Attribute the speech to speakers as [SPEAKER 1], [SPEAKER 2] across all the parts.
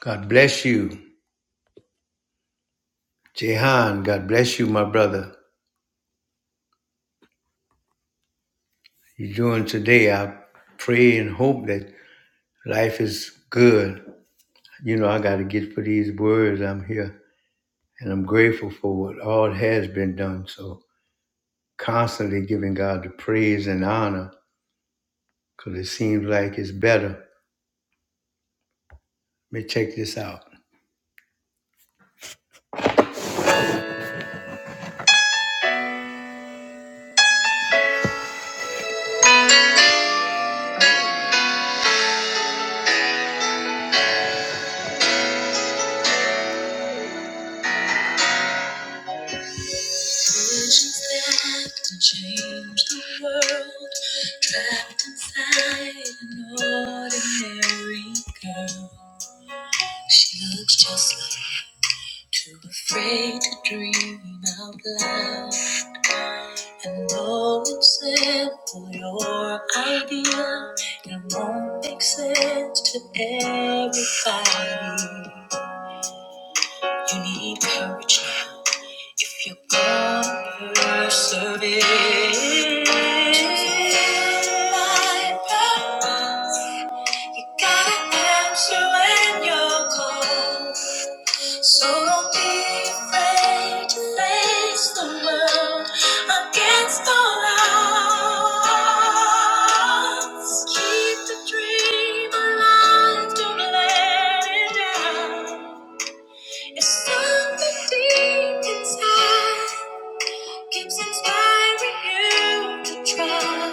[SPEAKER 1] God bless you. Jehan, God bless you, my brother. You're doing today. I pray and hope that life is good. You know, I got to get for these words. I'm here and I'm grateful for what all has been done. So constantly giving God the praise and honor because it seems like it's better. Let me check this out. Visions that can change the world, trapped inside an ordinary girl. She looks just like too afraid to dream out loud. And though it's simple, your idea, it won't make sense to everybody. You need courage now if you're gonna persevere. To fulfill my purpose, you gotta answer when you're called. So don't be afraid to face the world against all odds. Keep the dream alive, don't let it down. If something deep inside keeps inspiring you to try,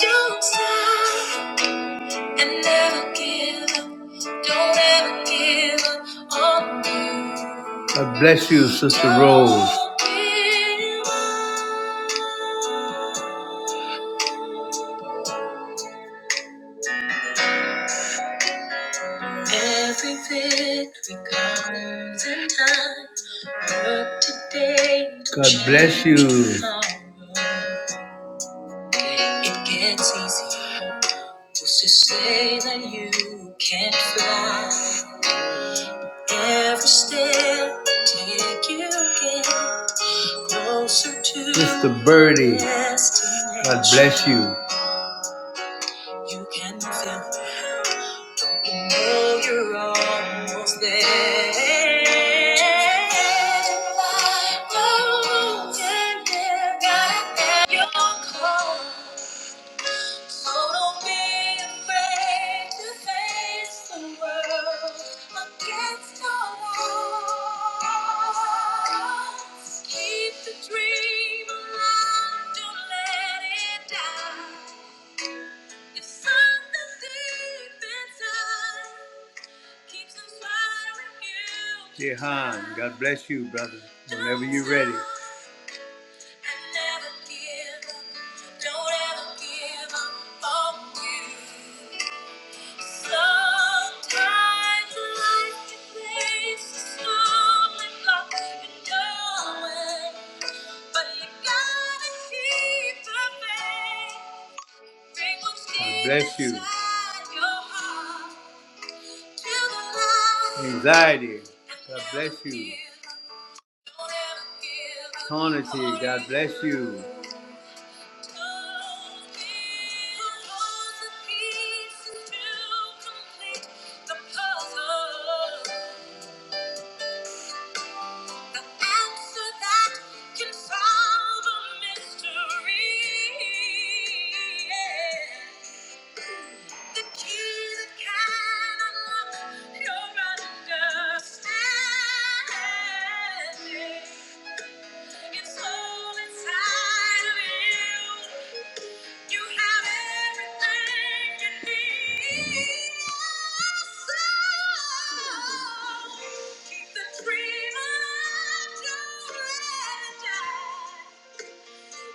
[SPEAKER 1] don't stop and never give up. Don't ever give up on me. God bless you, Sister Rose. Every victory comes in time. Work today. God bless you. It gets easier just to say that you can't fly. Every step take you again. Mr. Birdie, God bless you. You can feel it. You know you're almost there. Oh, yeah, yeah. So don't be afraid to face the world against all odds. Keep the dream alive, don't let it die. If something deep inside keeps inspiring you. Jehan, God bless you, brother. Whenever you're ready. So God bless you. Anxiety. God bless you. do Eternity. God bless you. Understanding. It's all inside of you. You have everything you need. So keep the dream alive. Don't let it die.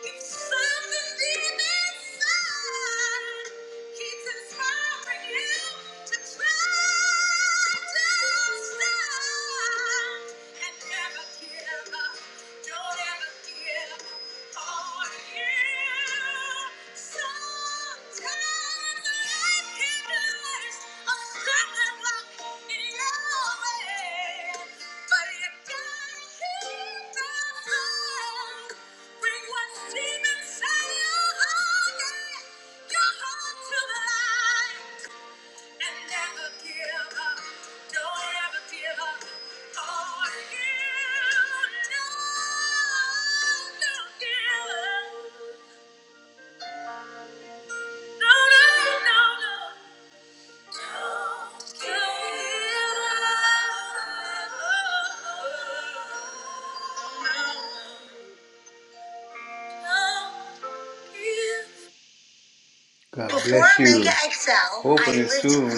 [SPEAKER 1] It's something deep inside keeps inspiring you to try, don't and never give up. Don't ever give up on you. So no, no, no, no. God bless you. Open it soon.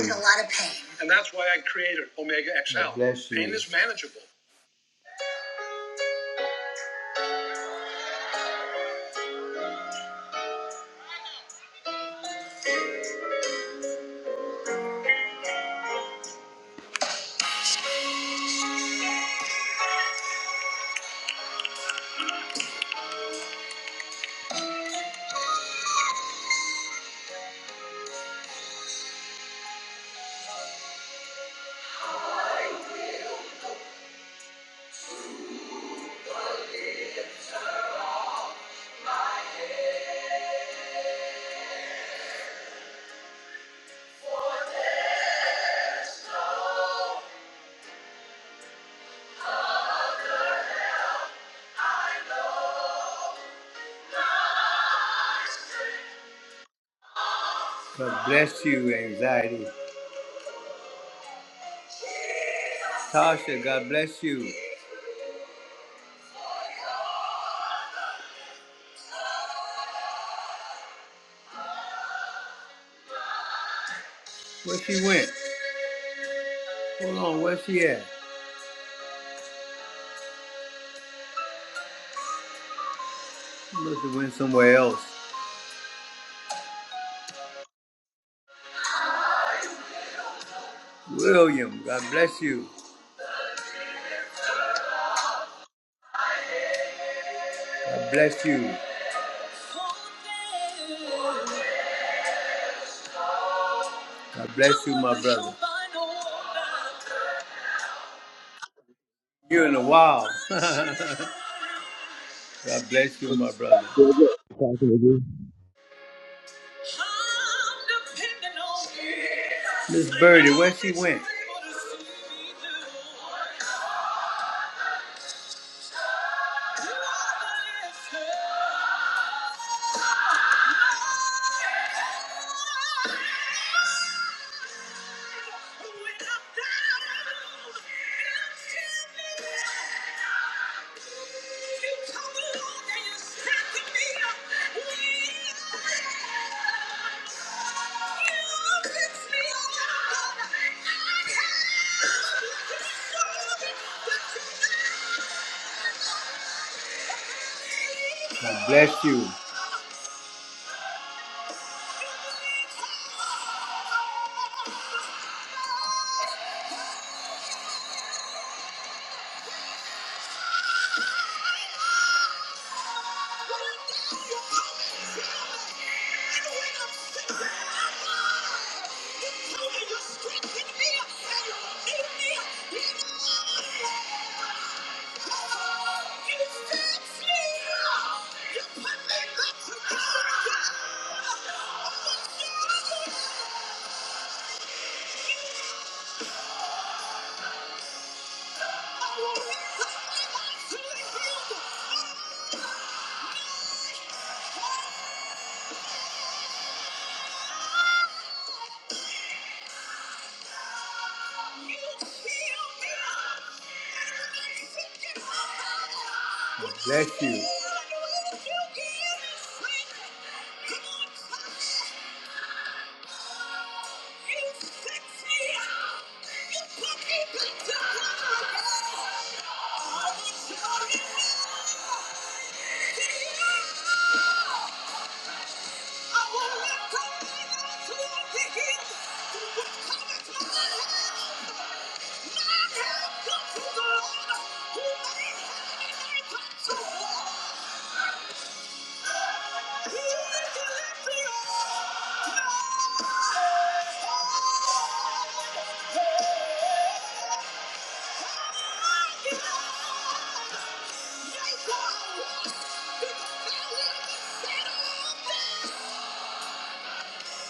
[SPEAKER 1] And that's why I created Omega XL. God bless you. Pain is manageable. God bless you, anxiety. Tasha, God bless you. Where she went? Hold on, where she at? She must have went somewhere else. William, God bless you. God bless you. God bless you, my brother. You in a while. God bless you, my brother.
[SPEAKER 2] Yeah, good. Talking with you.
[SPEAKER 1] Miss Birdie, where she went? God bless you. Oh, Bless you. Yeah.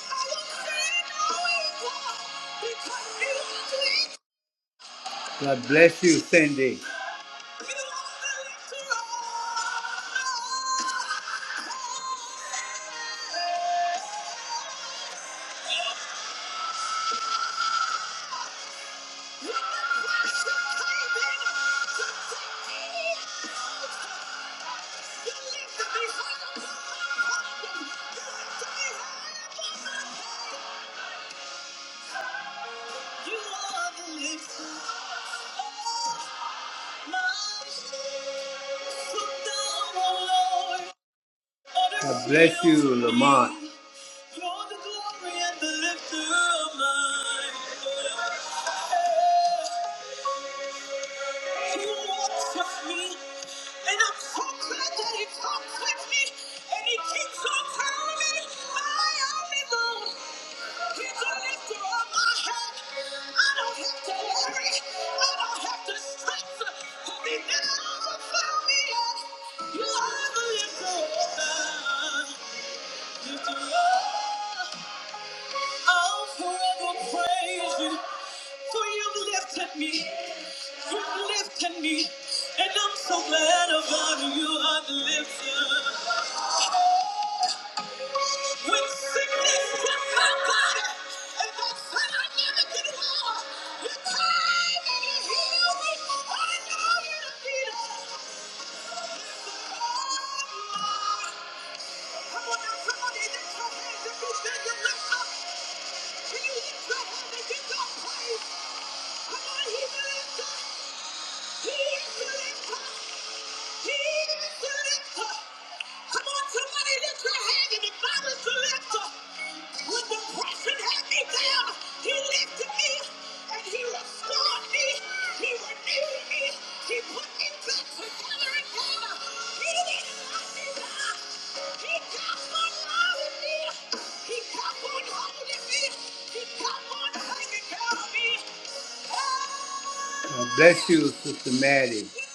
[SPEAKER 1] You are the lift. God bless you, Lamont. He walks with me, and I'm so glad that he talks with me, and he keeps on telling me I am alone. He's a lifter of my head. I don't have to worry. I don't have to stress. Have you never found me yet? You are the lifter. of my- lifter of I'll forever praise you, for you've lifted me, you've lifted me, and I'm so glad about you, I've lifted. When sickness struck my body, and I said I never could walk, you came and you healed me, I know you defeated come on now, somebody, lift your hands if you say you lift up, can you lift your hands and give God praise? Come on, he's a lifter. He is a lifter. Come on, somebody lift your hand and if I was to when depression had me down, he lifted me and he restored me, he renewed me, he put me back together He did me down. He kept on loving me. He kept on holding me. He kept on hanging out of me. Oh! Thank you.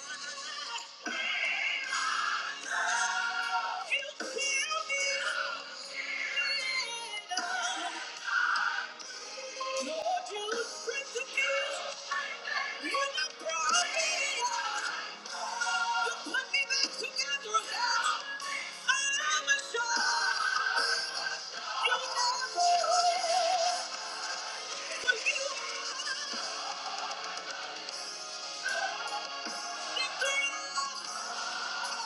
[SPEAKER 1] Thank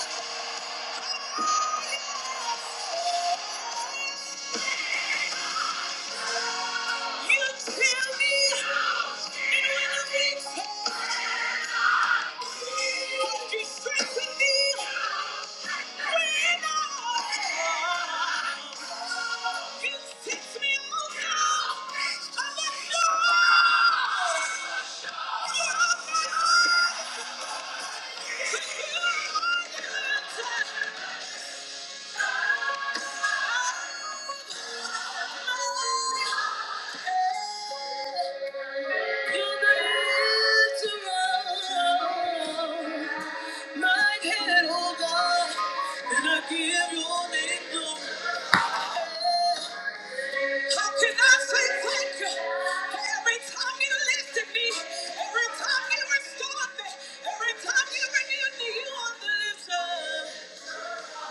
[SPEAKER 1] you. You tell me, and when I think so, would you me when I You set me on fire. I let go. You are my life. How can I say thank you for every time you lifted me, every time you restored me, every time you renewed me, you are the lips of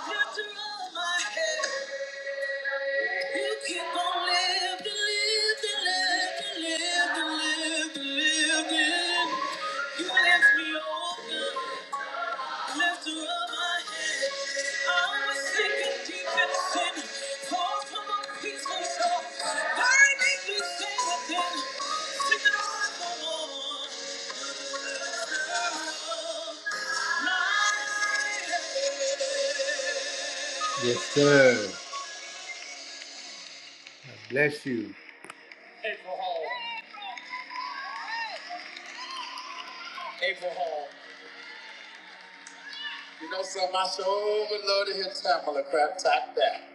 [SPEAKER 1] You Lifter of my head. You keep on living, living, living, living, living, living. You left me open, left to rub my head. I was sinking deep in sin, far from a peaceful shore. Why did you say that then? Singing on the wall. Yes, sir. Bless you. I'm gonna crab tack that.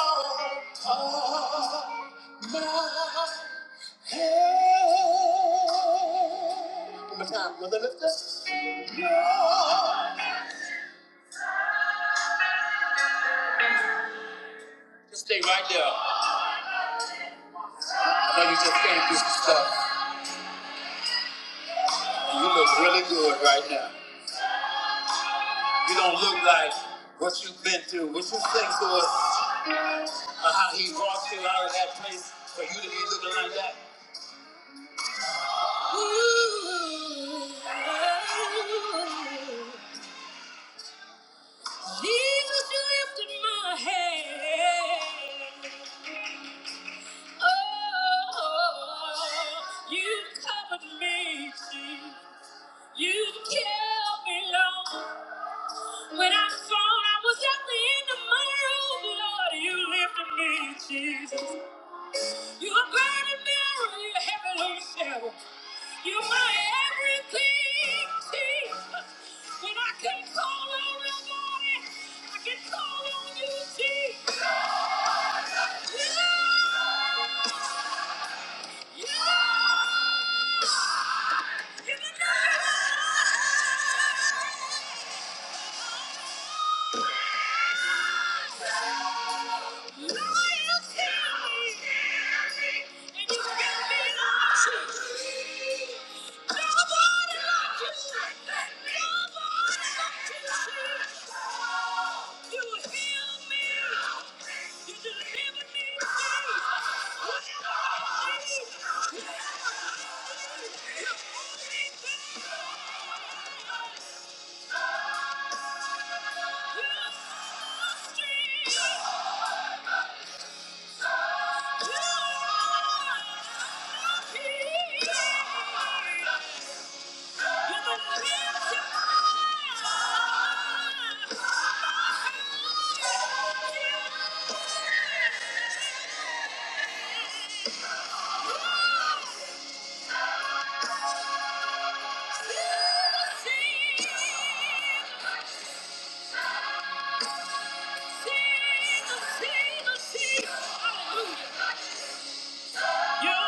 [SPEAKER 1] One more time, brother, lift up. Just stay right there. I know you just came through some stuff. You look really good right now. You don't look like what you've been through, what you think to us, or how he brought you out of that place for you to be looking like that. Ooh, Jesus, you lifted my head. Oh, you've covered me, Jesus. You've kept me low. When I thought I was at the end of my rope, Lord, you lifted me, Jesus. You're a burning mirror, you're a heavy load shadow. You're my everything, Jesus. When I can't call on nobody, I can call on you, Jesus. Yeah. You deliver me. Whatever I need. You're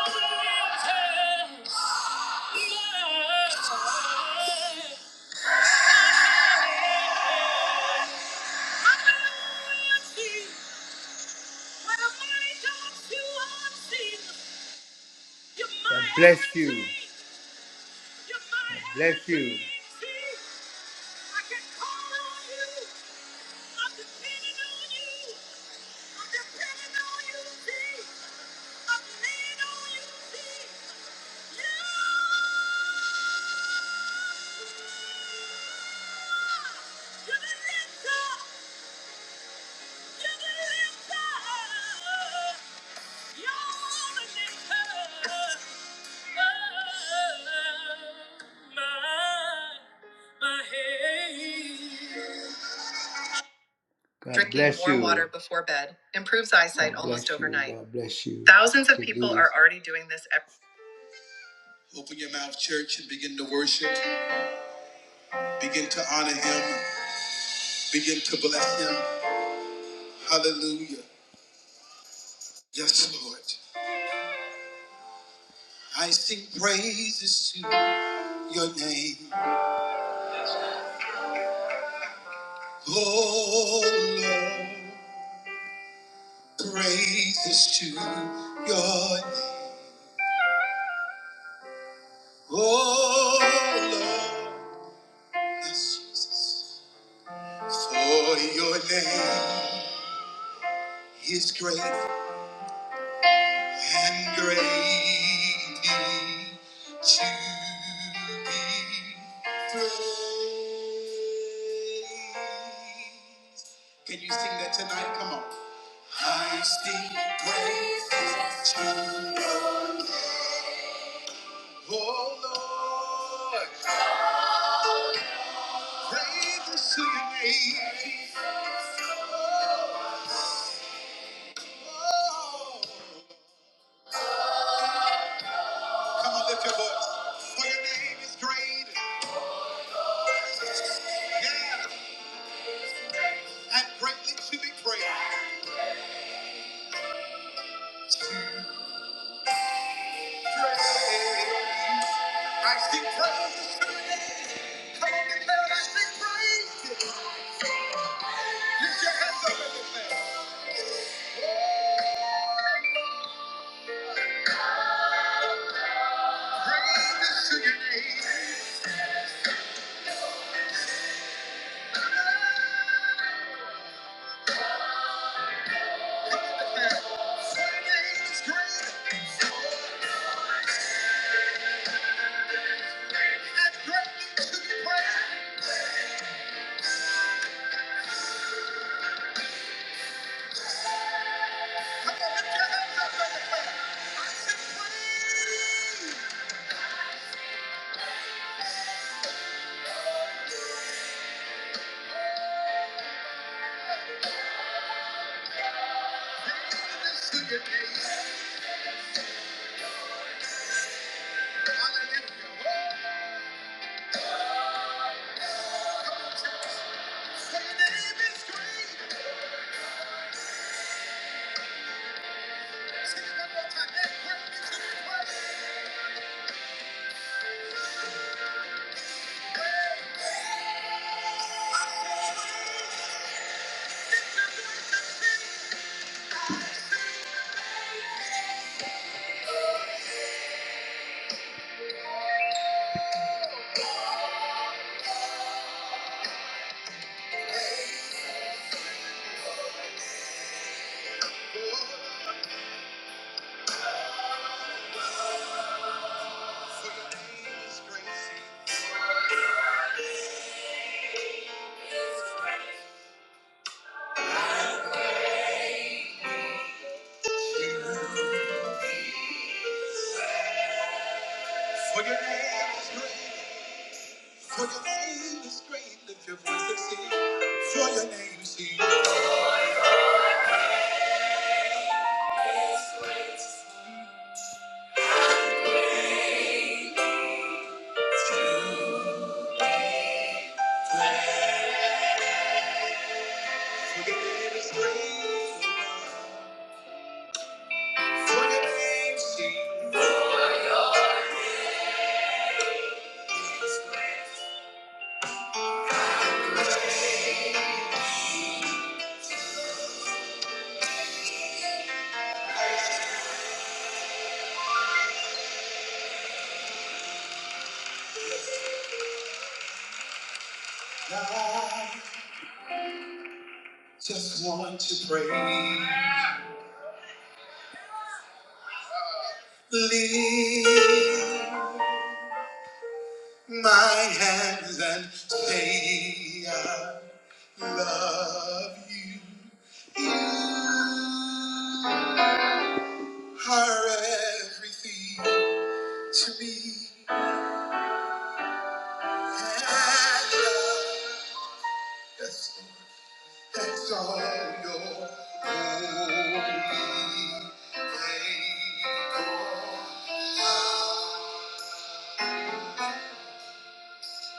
[SPEAKER 1] the winter. Yeah. God bless you. God Bless you. God Drinking warm you. water before bed improves eyesight God almost overnight. God bless you. Thousands of people are already doing this. Every- Open your mouth, church, and begin to worship. Begin to honor Him. Begin to bless Him. Hallelujah. Yes, Lord. I sing praises to Your name, oh Lord. Praises to your name. Oh Lord, yes, Jesus. For your name is great and greatly to be praised. Can you sing that tonight? Come on. I sing praises to your name. Oh Lord. Praise to your name. Oh. Come on, lift your voice. For your name is great. Yeah. And greatly to be praised. Praise, I sing praise. Come on, declare it. I sing praise. Lift your hands up and declare. Praise to your name. For your name is great. And greatly to be praised. For your name is great, for your name is great, lift your voice and sing. For your name, sing. For your name is great, O God. just want to pray. Lift my hands and say I love you. You are everything to me. And love. yes, Exalt your holy name.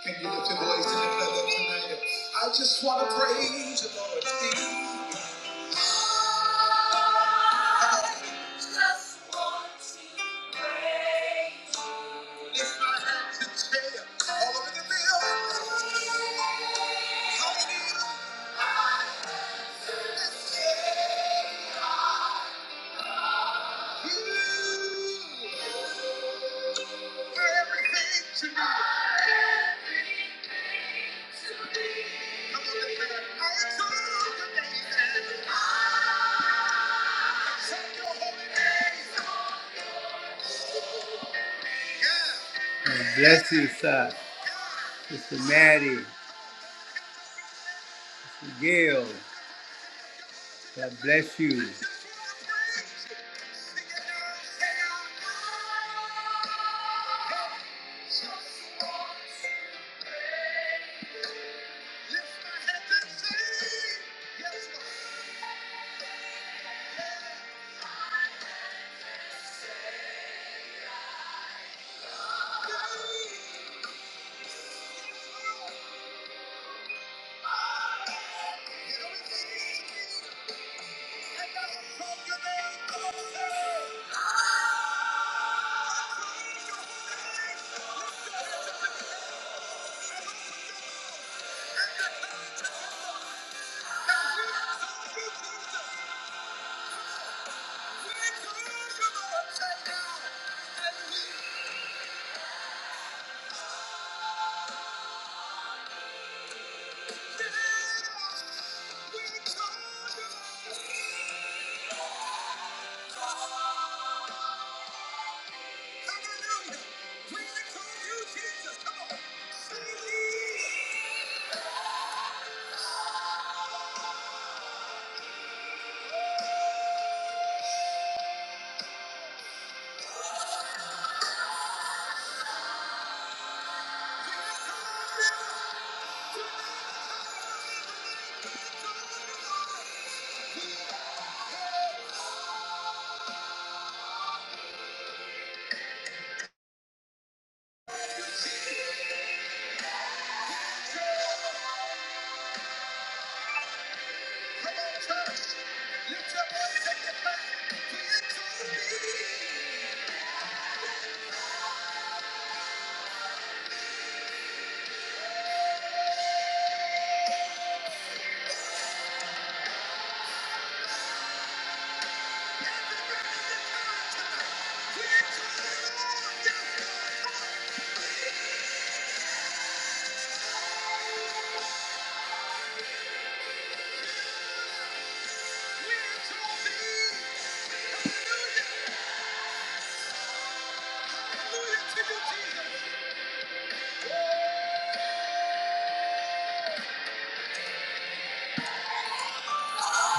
[SPEAKER 1] Can you lift your voice and declare that tonight? I just want to praise the Lord. Lift my hands and say it all over the building. You, everything to me. Yeah.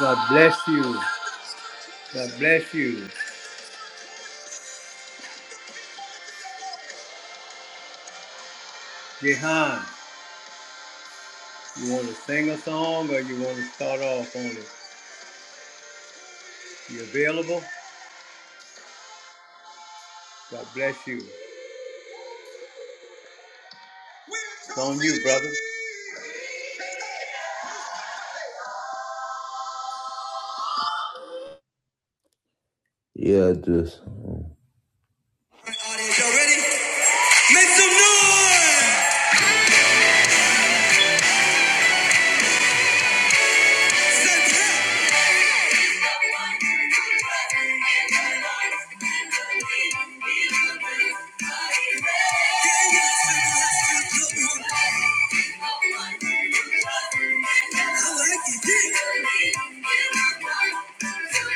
[SPEAKER 1] God bless you. God bless you. Jehan, you want to sing a song or you want to start off on it? You available? God bless you. It's on you, brother.
[SPEAKER 3] Yeah, just. Audience, "Yeah."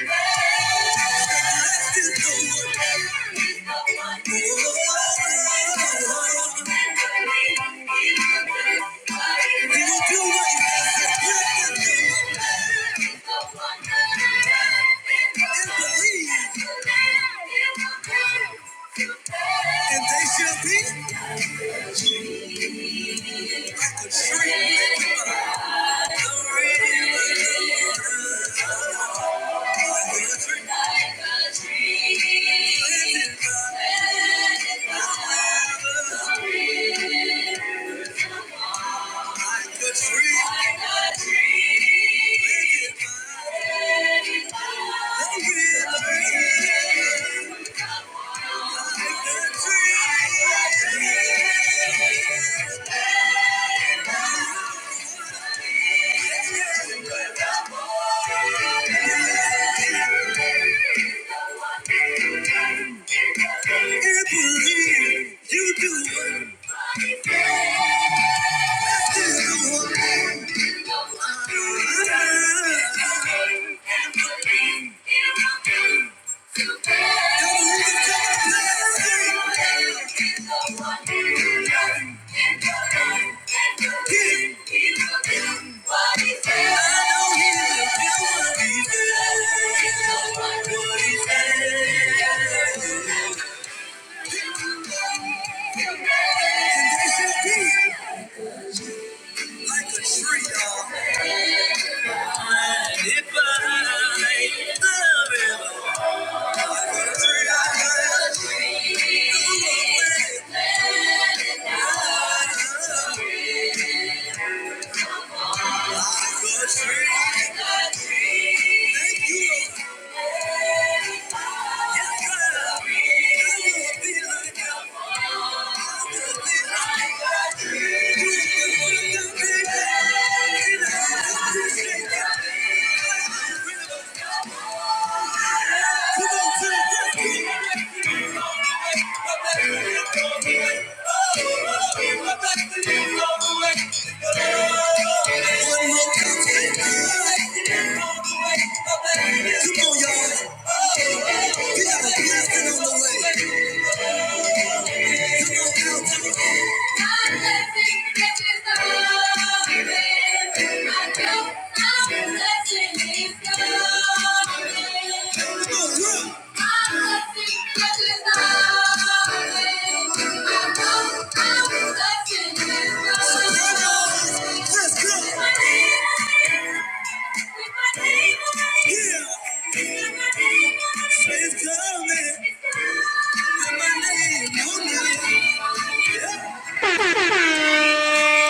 [SPEAKER 3] like yeah. And they shall be free. Living God. Thank you. You do it. If I Come on, Come on, y'all. We got a blessing on the way. Let's go. Yeah. Faith coming. With my name on it.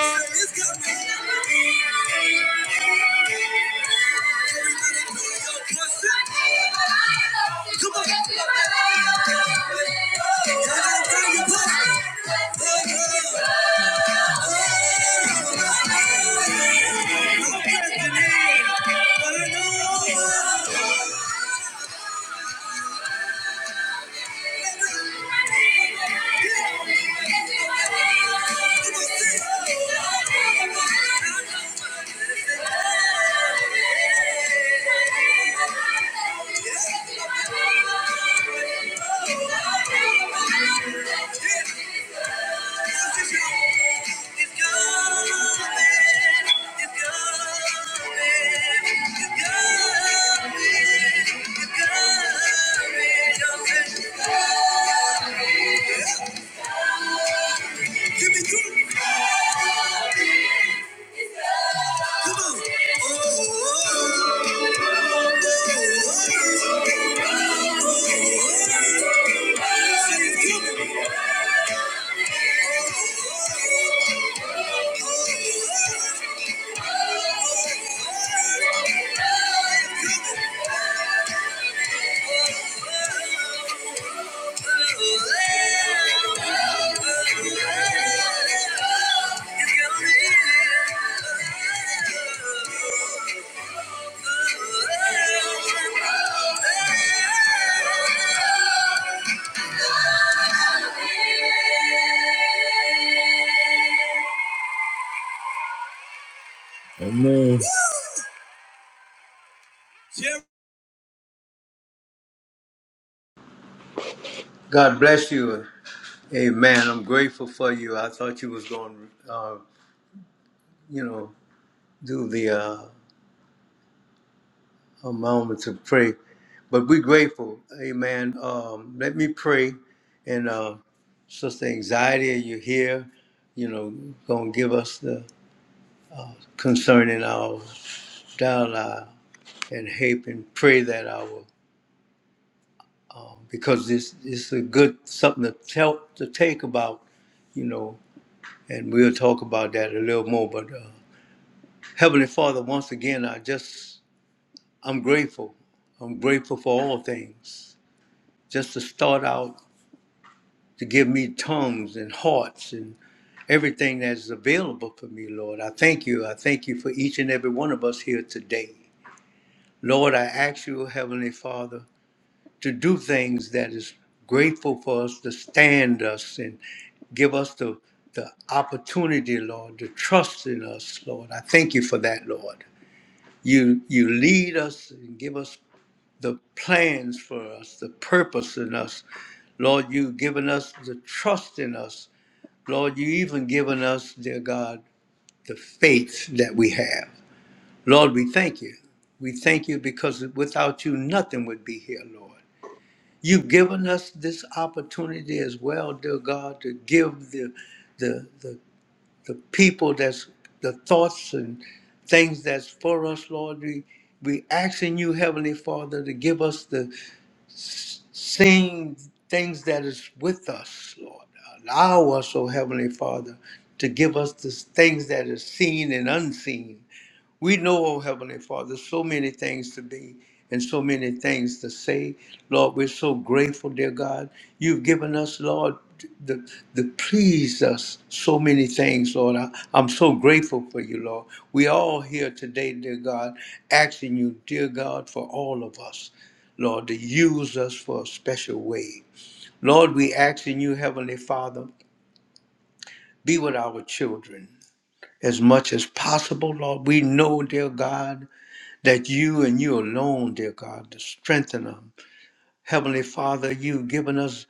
[SPEAKER 3] Come on. It's coming. It's coming. It's coming. It's coming. Give me two. Come on. Oh, oh, oh, oh. Amen.
[SPEAKER 1] God bless you. Amen. I'm grateful for you. I thought you was going to, uh, you know, do the uh, a moment to pray. But we're grateful. Amen. Um, let me pray. And uh, Sister Anxiety, are you here? You know, going to give us the concerning our dialogue. and hope and pray that our um, because this this is a good something to tell to take about, you know, and we'll talk about that a little more. But uh, Heavenly Father, once again, I just I'm grateful. I'm grateful for all things. Just to start out to give me tongues and hearts and everything that is available for me, Lord. I thank you. I thank you for each and every one of us here today. Lord, I ask you, Heavenly Father, to do things that is grateful for us to stand us and give us the the opportunity, Lord, to trust in us, Lord. I thank you for that, Lord. You you lead us and give us the plans for us, the purpose in us. Lord, you've given us the trust in us. Lord, you even given us, dear God, the faith that we have. Lord, we thank you. We thank you because without you, nothing would be here, Lord. You've given us this opportunity as well, dear God, to give the the the, the people that's the thoughts and things that's for us, Lord. We we asking you, Heavenly Father, to give us the same things that is with us, Lord. Allow us, O Heavenly Father, to give us the things that is seen and unseen. We know, oh Heavenly Father, so many things to be and so many things to say. Lord, we're so grateful, dear God. You've given us, Lord, the, the pleased us so many things, Lord. I, I'm so grateful for you, Lord. We all here today, dear God, asking you, dear God, for all of us, Lord, to use us for a special way. Lord, we asking you, Heavenly Father, be with our children as much as possible, Lord. We know, dear God, that you and you alone, dear God, to strengthen them. Heavenly Father, you've given us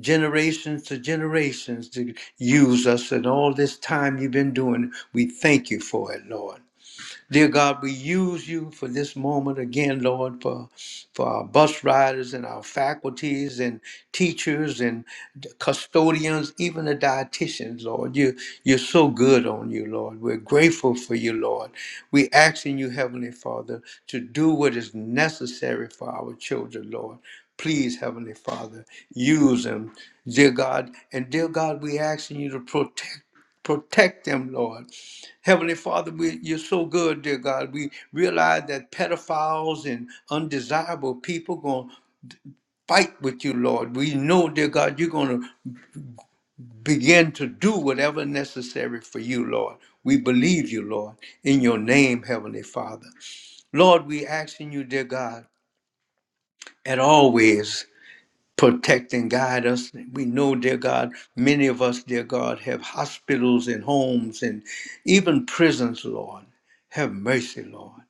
[SPEAKER 1] generations to generations to use us, and all this time you've been doing, we thank you for it, Lord. Dear God, we use you for this moment again, Lord, for, for our bus riders and our faculties and teachers and the custodians, even the dietitians, Lord. You, you're so good on you, Lord. We're grateful for you, Lord. We're asking you, Heavenly Father, to do what is necessary for our children, Lord. Please, Heavenly Father, use them, dear God. And dear God, we're asking you to protect protect them, Lord. Heavenly Father, we, you're so good, dear God. We realize that pedophiles and undesirable people going to fight with you, Lord. We know, dear God, you're going to begin to do whatever necessary for you, Lord. We believe you, Lord, in your name, Heavenly Father. Lord, we asking you, dear God, and always protect and guide us. We know, dear God, many of us, dear God, have hospitals and homes and even prisons, Lord. Have mercy, Lord.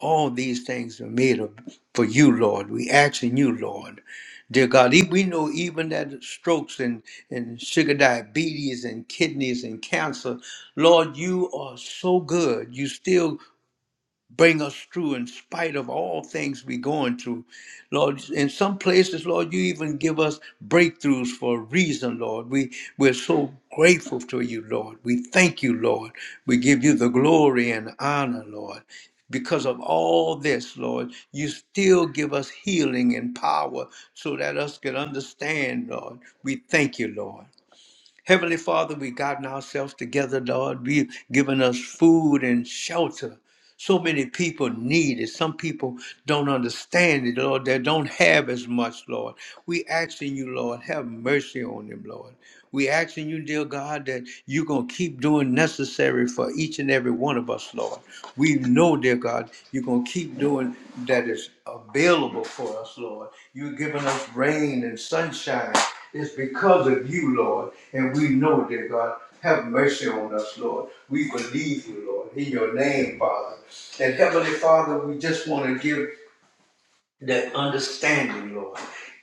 [SPEAKER 1] All these things are made of, for you, Lord. We ask in you, Lord. Dear God, e- we know even that strokes and, and sugar diabetes and kidneys and cancer, Lord, you are so good. You still bring us through in spite of all things we're going through. Lord, in some places, Lord, you even give us breakthroughs for a reason, Lord. We, we're so grateful to you, Lord. We thank you, Lord. We give you the glory and honor, Lord. Because of all this, Lord, you still give us healing and power so that us can understand, Lord. We thank you, Lord. Heavenly Father, we've gotten ourselves together, Lord. We've given us food and shelter. So many people need it. Some people don't understand it, Lord. They don't have as much, Lord. We asking you, Lord, have mercy on them, Lord. We asking you, dear God, that you're going to keep doing necessary for each and every one of us, Lord. We know, dear God, you're going to keep doing that is available for us, Lord. You're giving us rain and sunshine it's because of you, Lord, and we know, dear God. Have mercy on us, Lord. We believe you, Lord, in your name, Father. And Heavenly Father, we just want to give that understanding, Lord.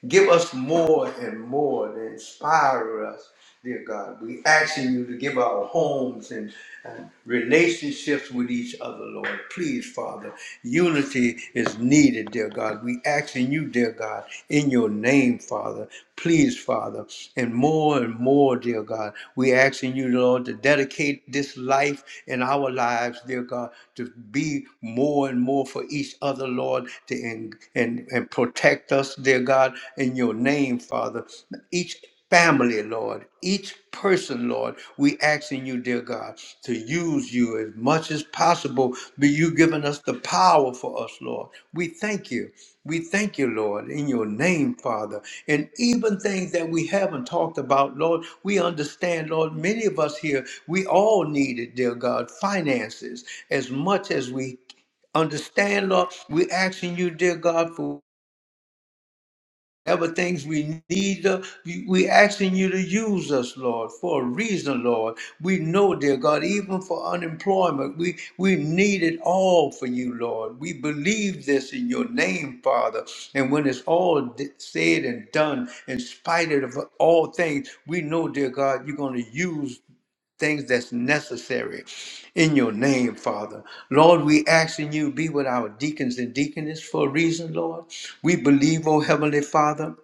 [SPEAKER 1] Give us more and more to inspire us, dear God. We asking you to give our homes and, and relationships with each other, Lord. Please, Father, unity is needed, dear God. We asking you, dear God, in your name, Father. Please, Father, and more and more, dear God. We asking you, Lord, to dedicate this life and our lives, dear God, to be more and more for each other Father, Lord, to and, and, and protect us, dear God, in your name, Father. Each family, Lord, each person, Lord, we asking you, dear God, to use you as much as possible. Be you giving us the power for us, Lord. We thank you. We thank you, Lord, in your name, Father. And even things that we haven't talked about, Lord, we understand, Lord, many of us here, we all need it, dear God, finances as much as we understand, Lord. We're asking you, dear God, for whatever things we need. uh, we- We're asking you to use us, Lord, for a reason, Lord. We know, dear God, even for unemployment, we, we need it all for you, Lord. We believe this in your name, Father. And when it's all d- said and done, in spite of all things, we know, dear God, you're going to use things that's necessary in your name, Father. Lord, we asking you be with our deacons and deaconess for a reason, Lord. We believe, oh Heavenly Father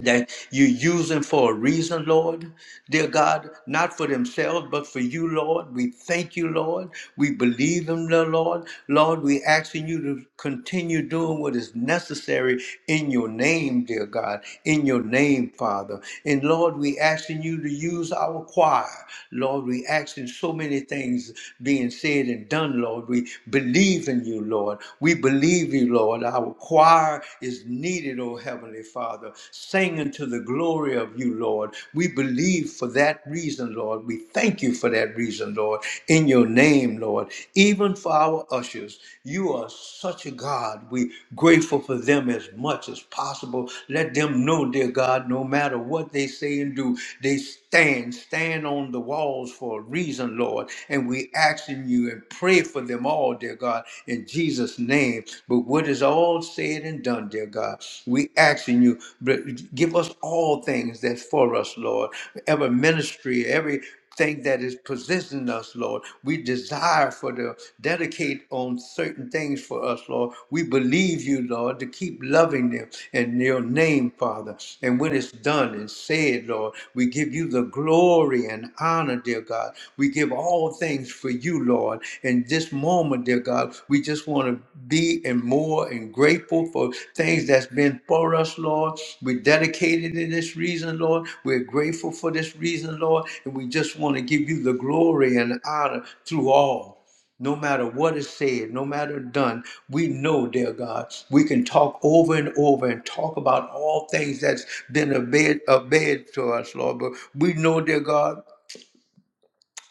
[SPEAKER 1] that you use them for a reason, Lord. Dear God, not for themselves, but for you, Lord. We thank you, Lord. We believe in the Lord. Lord, we asking you to continue doing what is necessary in your name, dear God, in your name, Father. And Lord, we asking you to use our choir. Lord, we asking so many things being said and done, Lord. We believe in in you, Lord. We believe you, Lord. Our choir is needed, O Heavenly Father, singing to the glory of you, Lord. We believe for that reason, Lord. We thank you for that reason, Lord, in your name, Lord. Even for our ushers, you are such a God. We grateful for them as much as possible. Let them know, dear God, no matter what they say and do, they stand, stand on the walls for a reason, Lord. And we asking you and pray for them all, dear God, in Jesus' name. But what is all said and done, dear God, we asking you, but give us all things that's for us, Lord. Every ministry, every thing that is possessing us, Lord. We desire for the dedicate on certain things for us, Lord. We believe you, Lord, to keep loving them in your name, Father. And when it's done and said, Lord, we give you the glory and honor, dear God. We give all all things for you, Lord. In this moment, dear God, we just want to be and more and grateful for things that's been for us, Lord. We're dedicated in this reason, Lord. We're grateful for this reason, Lord. And we just want to give you the glory and honor through all. No matter what is said, no matter done, we know, dear God, we can talk over and over and talk about all things that's been obeyed, obeyed to us, Lord. But we know, dear God,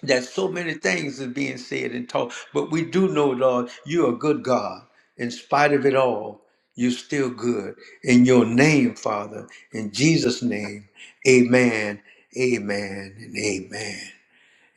[SPEAKER 1] that so many things is being said and taught, but we do know, Lord, you're a good God. In spite of it all, you're still good. In your name, Father, in Jesus' name, amen, amen, and amen.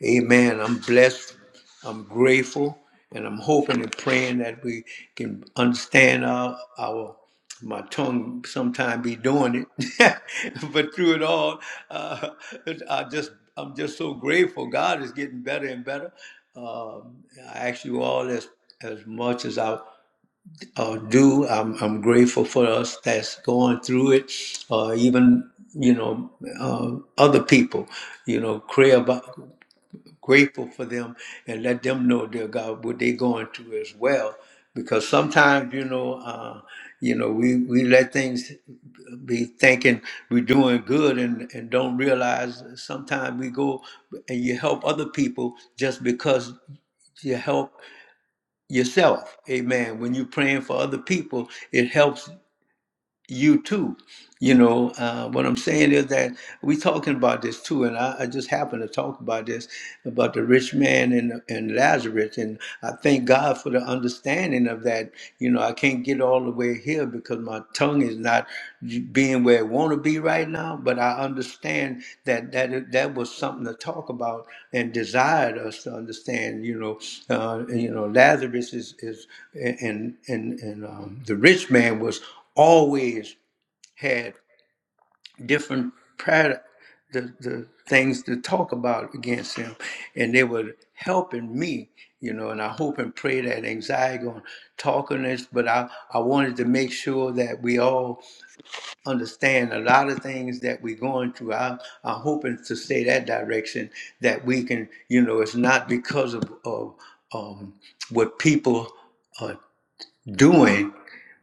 [SPEAKER 1] Amen. I'm blessed. I'm grateful. And I'm hoping and praying that we can understand our, our my tongue sometime be doing it. but through it all, uh, I just I'm just so grateful. God is getting better and better. Um I ask you all as as much as I uh, do. I'm, I'm grateful for us that's going through it, uh, even you know uh, other people. You know, pray about grateful for them and let them know, dear God, what they're going through as well. Because sometimes, you know, uh, you know, we, we let things be thinking we're doing good and, and don't realize sometimes we go and you help other people just because you help yourself. Amen. When you're praying for other people, it helps you too. You know, uh, what I'm saying is that we talking about this too, and I, I just happened to talk about this about the rich man and and Lazarus, and I thank God for the understanding of that. You know, I can't get all the way here because my tongue is not being where it want to be right now, but I understand that that that was something to talk about and desired us to understand. You know, uh, and, you know, Lazarus is is and and and um, the rich man was always. had different pad the, the things to talk about against him and they were helping me you know and i hope and pray that anxiety on talking this but i i wanted to make sure that we all understand a lot of things that we're going through I, i'm hoping to stay that direction that we can you know it's not because of of um, what people are doing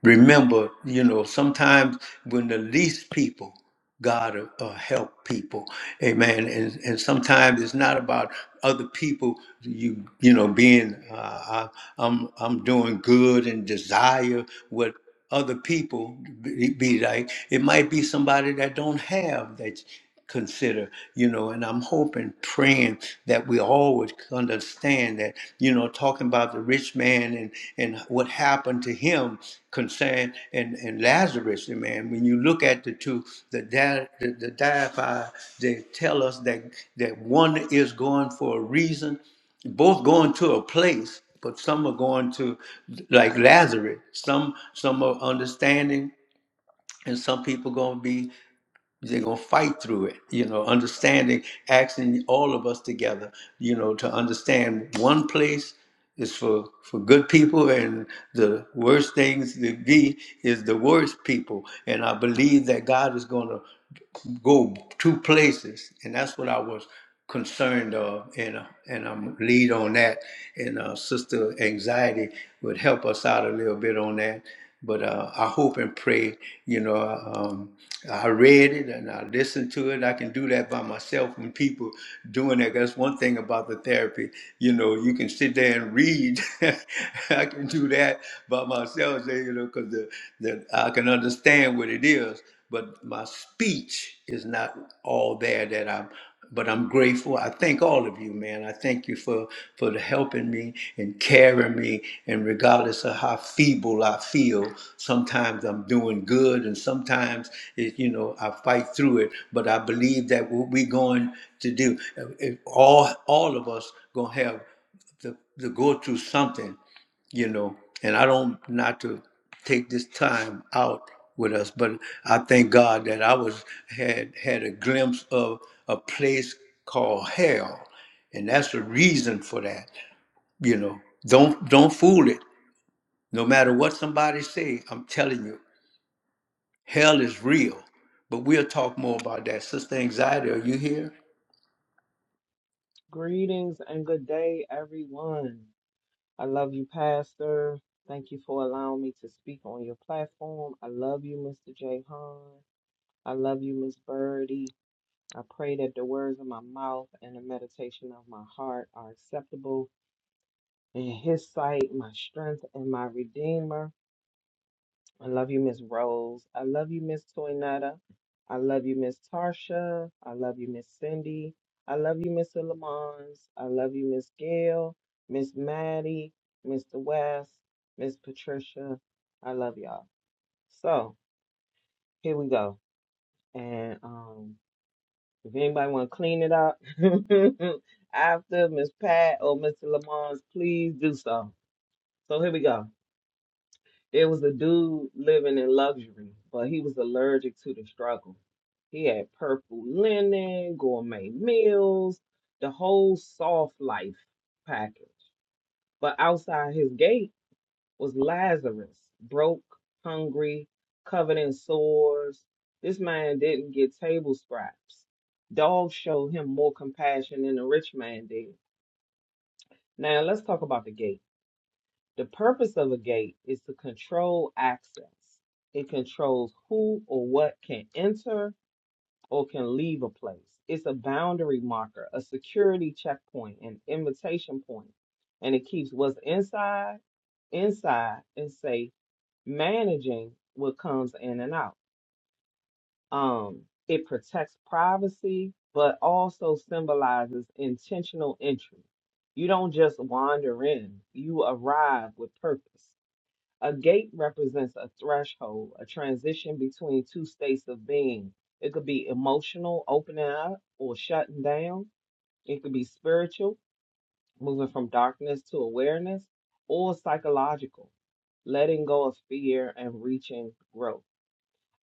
[SPEAKER 1] remember, you know, sometimes when the least people, God will, uh, help people, Amen. And and sometimes it's not about other people. You you know, being uh, I, I'm I'm doing good and desire what other people be, be like. It might be somebody that don't have that consider, you know, and I'm hoping, praying that we all would understand that, you know, talking about the rich man and, and what happened to him concerned and, and Lazarus, and man, when you look at the two, the di- the, the diaphy, they tell us that that one is going for a reason, both going to a place, but some are going to like Lazarus. Some some are understanding and some people gonna be they're gonna fight through it you know understanding asking all of us together you know to understand one place is for for good people and the worst things to be is the worst people and i believe that god is gonna go two places and that's what i was concerned of, and uh, and I'm lead on that. And uh, Sister Anxiety would help us out a little bit on that. But uh, I hope and pray, you know, um, I read it and I listened to it. I can do that by myself and people doing that. That's one thing about the therapy. You know, you can sit there and read. I can do that by myself, you know, because the, the, I can understand what it is. But my speech is not all there that I'm but I'm grateful. I thank all of you, man. I thank you for for helping me and carrying me. And regardless of how feeble I feel, sometimes I'm doing good, and sometimes it, you know I fight through it. But I believe that what we're going to do, if all all of us gonna have to, to go through something you know, and I don't not to take this time out with us, but I thank God that I was had had a glimpse of a place called hell, and that's the reason for that. You know, don't don't fool it. No matter what somebody say, I'm telling you, hell is real. But we'll talk more about that. Sister Anxiety, are you here?
[SPEAKER 4] Greetings and good day, everyone. I love you, Pastor. Thank you for allowing me to speak on your platform. I love you, Mr. J. Hahn. I love you, Miss Birdie. I pray that the words of my mouth and the meditation of my heart are acceptable in His sight, my strength and my Redeemer. I love you, Miss Rose. I love you, Miss Toynetta. I love you, Miss Tarsha. I love you, Miss Cindy. I love you, Mr. Lamons. I love you, Miss Gail, Miss Maddie, Mr. West, Miss Patricia. I love y'all. So here we go. And um, if anybody want to clean it up after Miss Pat or Mr. Lamons, please do so. So here we go. There was a dude living in luxury, but he was allergic to the struggle. He had purple linen, gourmet meals, the whole soft life package. But outside his gate was Lazarus, broke, hungry, covered in sores. This man didn't get table scraps. Dogs showed him more compassion than the rich man did. Now let's talk about the gate. The purpose of a gate is to control access. It controls who or what can enter or can leave a place. It's a boundary marker, a security checkpoint, an invitation point, and it keeps what's inside inside and safe, managing what comes in and out. Um, it protects privacy, but also symbolizes intentional entry. You don't just wander in, you arrive with purpose. A gate represents a threshold, a transition between two states of being. It could be emotional, opening up or shutting down. It could be spiritual, moving from darkness to awareness, or psychological, letting go of fear and reaching growth.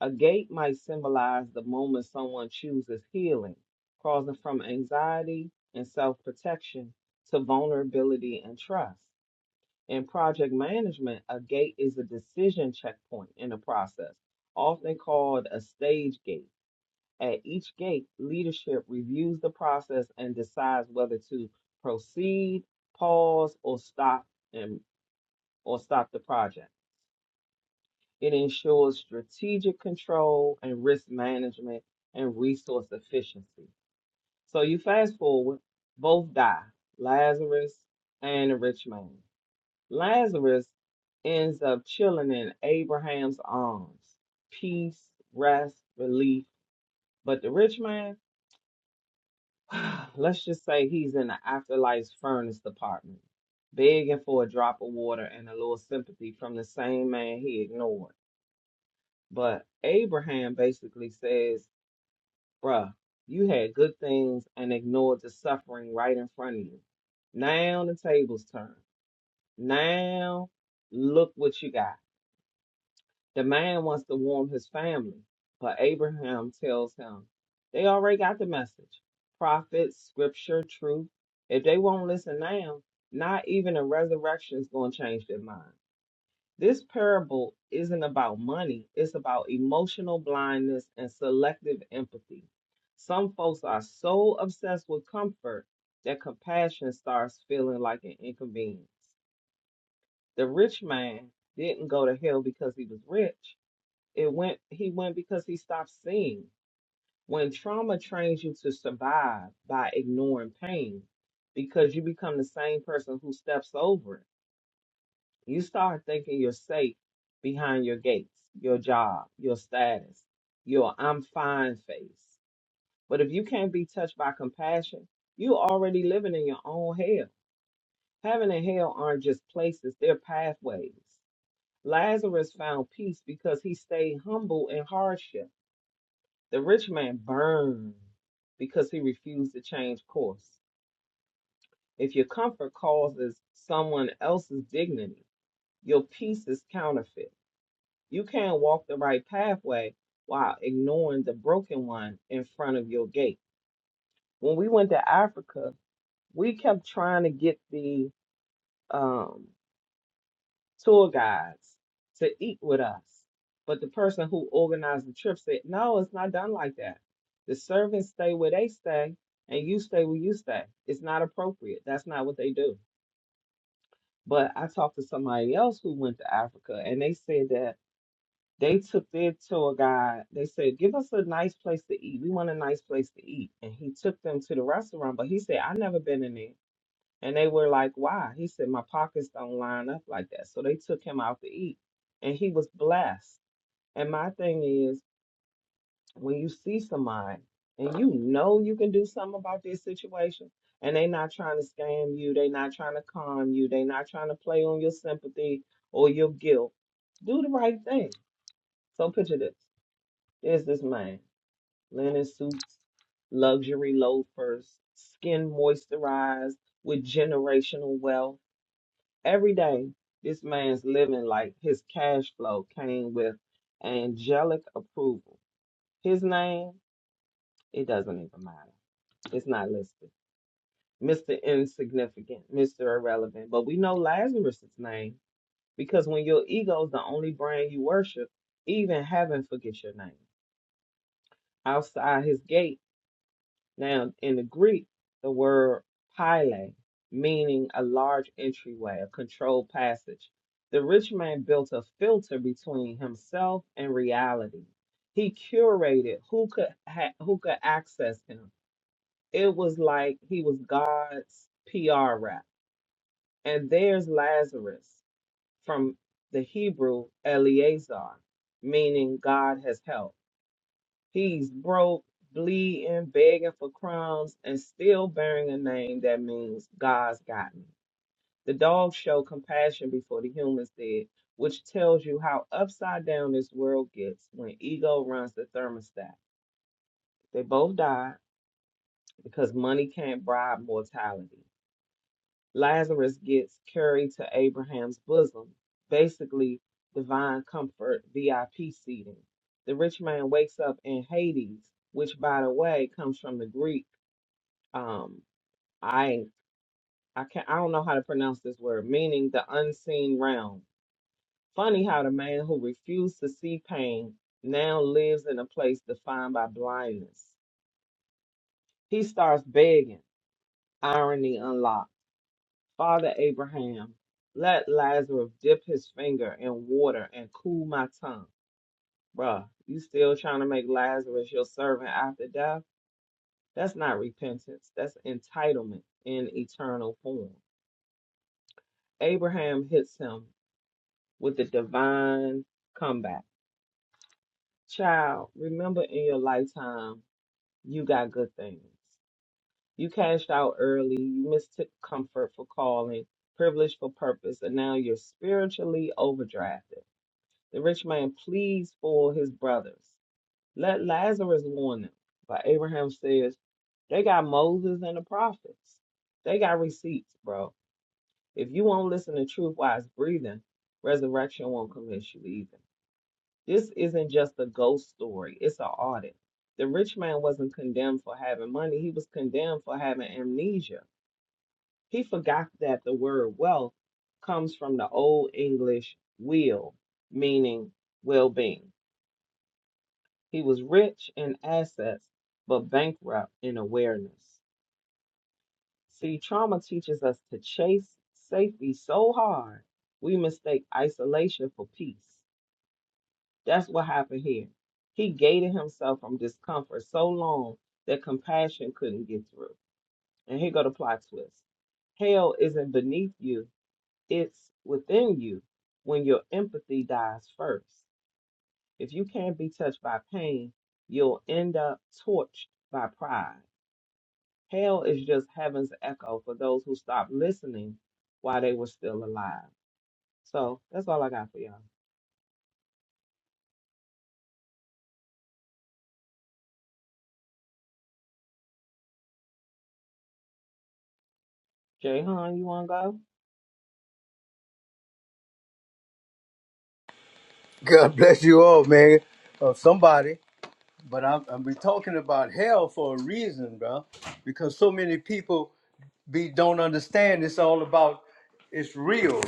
[SPEAKER 4] A gate might symbolize the moment someone chooses healing, crossing from anxiety and self protection to vulnerability and trust. In project management, a gate is a decision checkpoint in the process, often called a stage gate. At each gate, leadership reviews the process and decides whether to proceed, pause, or stop and or stop the project. It ensures strategic control and risk management and resource efficiency. So you fast forward, both die, Lazarus and the rich man. Lazarus ends up chilling in Abraham's arms. Peace, rest, relief. But the rich man, let's just say he's in the afterlife's furnace department, begging for a drop of water and a little sympathy from the same man he ignored. But Abraham basically says, Bruh, you had good things and ignored the suffering right in front of you. Now the tables turn. Now look what you got The man wants to warn his family, but Abraham tells him they already got the message prophets, scripture, truth. If they won't listen now, not even a resurrection is going to change their mind. This parable isn't about money, it's about emotional blindness and selective empathy. Some folks are so obsessed with comfort that compassion starts feeling like an inconvenience. The rich man didn't go to hell because he was rich it went, he went because he stopped seeing. When trauma trains you to survive by ignoring pain, because you become the same person who steps over it, you start thinking you're safe behind your gates, your job, your status, your I'm fine face. But if you can't be touched by compassion, you already living in your own hell. Heaven and hell aren't just places, they're pathways. Lazarus found peace because he stayed humble in hardship. The rich man burned because he refused to change course. If your comfort causes someone else's dignity, your peace is counterfeit. You can't walk the right pathway while ignoring the broken one in front of your gate. When we went to Africa, we kept trying to get the um, tour guides to eat with us. But the person who organized the trip said, no, it's not done like that. The servants stay where they stay and you stay where you stay. It's not appropriate. That's not what they do. But I talked to somebody else who went to Africa and they said that they took their tour guide. They said, give us a nice place to eat. We want a nice place to eat. And he took them to the restaurant, but he said, I've never been in there. And they were like, why? He said, my pockets don't line up like that. So they took him out to eat and he was blessed. And my thing is, when you see somebody and you know you can do something about their situation and they not trying to scam you, they not trying to con you, they not trying to play on your sympathy or your guilt, do the right thing. So picture this. There's this man, linen suits, luxury loafers, skin moisturized with generational wealth every day this man's living like his cash flow came with angelic approval. His name, it doesn't even matter. It's not listed. Mr. Insignificant, Mr. Irrelevant. But we know Lazarus's name because when your ego's the only brand you worship, even heaven forgets your name. Outside his gate, Now, in the Greek, the word "pyle" meaning a large entryway, a controlled passage. The rich man built a filter between himself and reality. He curated who could ha- who could access him. It was like he was God's PR rep. And there's Lazarus from the Hebrew Eleazar, meaning God has helped. He's broke, bleeding, begging for crumbs, and still bearing a name that means God's got me. The dogs show compassion before the humans did, which tells you how upside down this world gets when ego runs the thermostat. They both died because money can't bribe mortality. Lazarus gets carried to Abraham's bosom, basically divine comfort, VIP seating. The rich man wakes up in Hades, which, by the way, comes from the Greek. Um, I I can not I don't know how to pronounce this word, meaning the unseen realm. Funny how the man who refused to see pain now lives in a place defined by blindness. He starts begging, irony unlocked. Father Abraham, let Lazarus dip his finger in water and cool my tongue. Bruh, you still trying to make Lazarus your servant after death? That's not repentance. That's entitlement in eternal form. Abraham hits him with the divine comeback. Child, remember in your lifetime, you got good things. You cashed out early, you mistook comfort for calling, privilege for purpose, and now you're spiritually overdrafted. The rich man pleads for his brothers. Let Lazarus warn them. But Abraham says, they got Moses and the prophets. They got receipts, bro. If you won't listen to truth while it's breathing, resurrection won't convince you either. This isn't just a ghost story, it's an audit. The rich man wasn't condemned for having money, he was condemned for having amnesia. He forgot that the word wealth comes from the Old English will, meaning well being. He was rich in assets, but bankrupt in awareness. See, trauma teaches us to chase safety so hard, we mistake isolation for peace. That's what happened here. He gated himself from discomfort so long that compassion couldn't get through. And here go the plot twist. Hell isn't beneath you, it's within you when your empathy dies first. If you can't be touched by pain, you'll end up torched by pride. Hell is just heaven's echo for those who stopped listening while they were still alive. So that's all I got for y'all. Jay Han, you wanna go?
[SPEAKER 1] God bless you all, man. Or somebody, but I'm, I'm we talking about hell for a reason, bro. Because so many people be don't understand it's all about it's real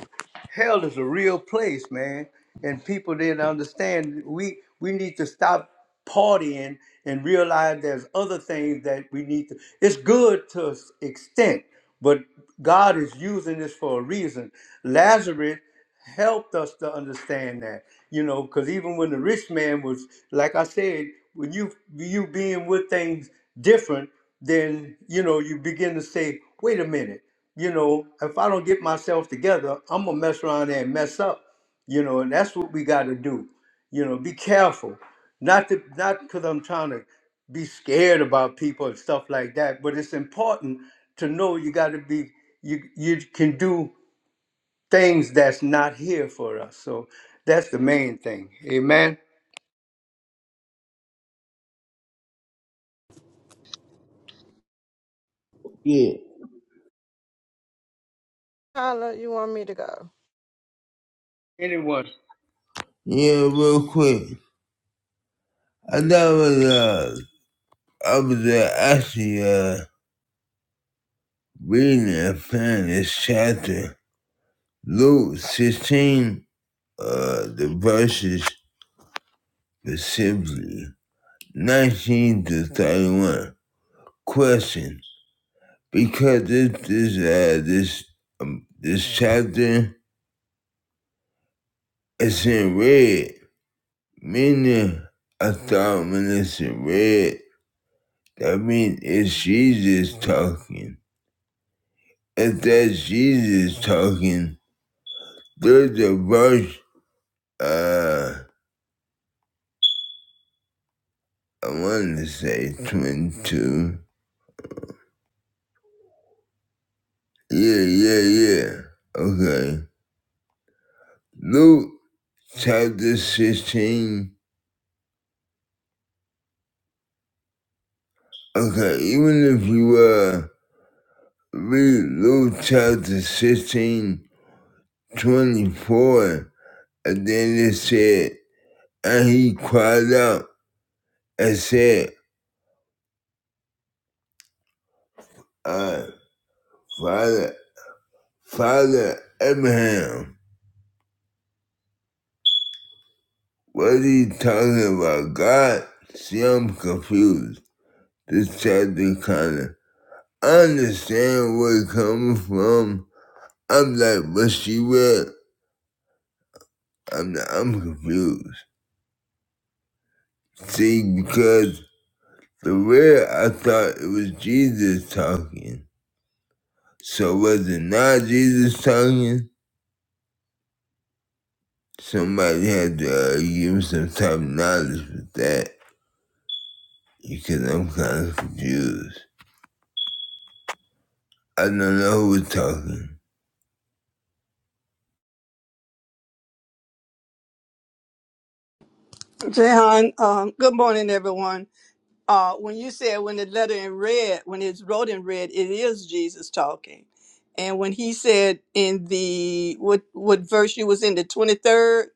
[SPEAKER 1] hell is a real place man and people didn't understand we we need to stop partying and realize there's other things that we need to it's good to an extent but god is using this for a reason lazarus helped us to understand that, you know, because even when the rich man was, like I said, when you you being with things different, then you know you begin to say, wait a minute, you know, if I don't get myself together, I'm gonna mess around and mess up, you know, and that's what we got to do, you know, be careful, not to not because I'm trying to be scared about people and stuff like that, but it's important to know you got to be you you can do things that's not here for us. So that's the main thing. Amen.
[SPEAKER 3] Yeah,
[SPEAKER 5] Tyler, you want me to go?
[SPEAKER 1] Anyone?
[SPEAKER 3] yeah, real quick. I thought was, uh, I was uh, actually uh, reading and finding this chapter, Luke 16, uh, the verses specifically, 19 to 31. Question because this this uh, this um, this chapter is in red, meaning I thought when it's in red, that means it's Jesus talking. If that's Jesus talking, there's a verse uh I wanna say twenty two. Yeah, yeah, yeah. Okay. Luke chapter sixteen. Okay, even if you uh read Luke chapter 16, 24, and then it said, and he cried out and said, uh, Father, Father Abraham, what are you talking about, God? See, I'm confused. This chapter kind of, I understand where it's coming from. I'm like, what she read? I'm, not, I'm confused. See, because the way I thought it was Jesus talking. So was it not Jesus talking? Somebody had to uh, give me some type of knowledge with that because I'm kind of confused. I don't know who was talking.
[SPEAKER 6] Jehan, um, good morning, everyone. Uh, when you said when the letter in red, when it's wrote in red, it is Jesus talking. And when he said in the what what verse you was in the twenty third,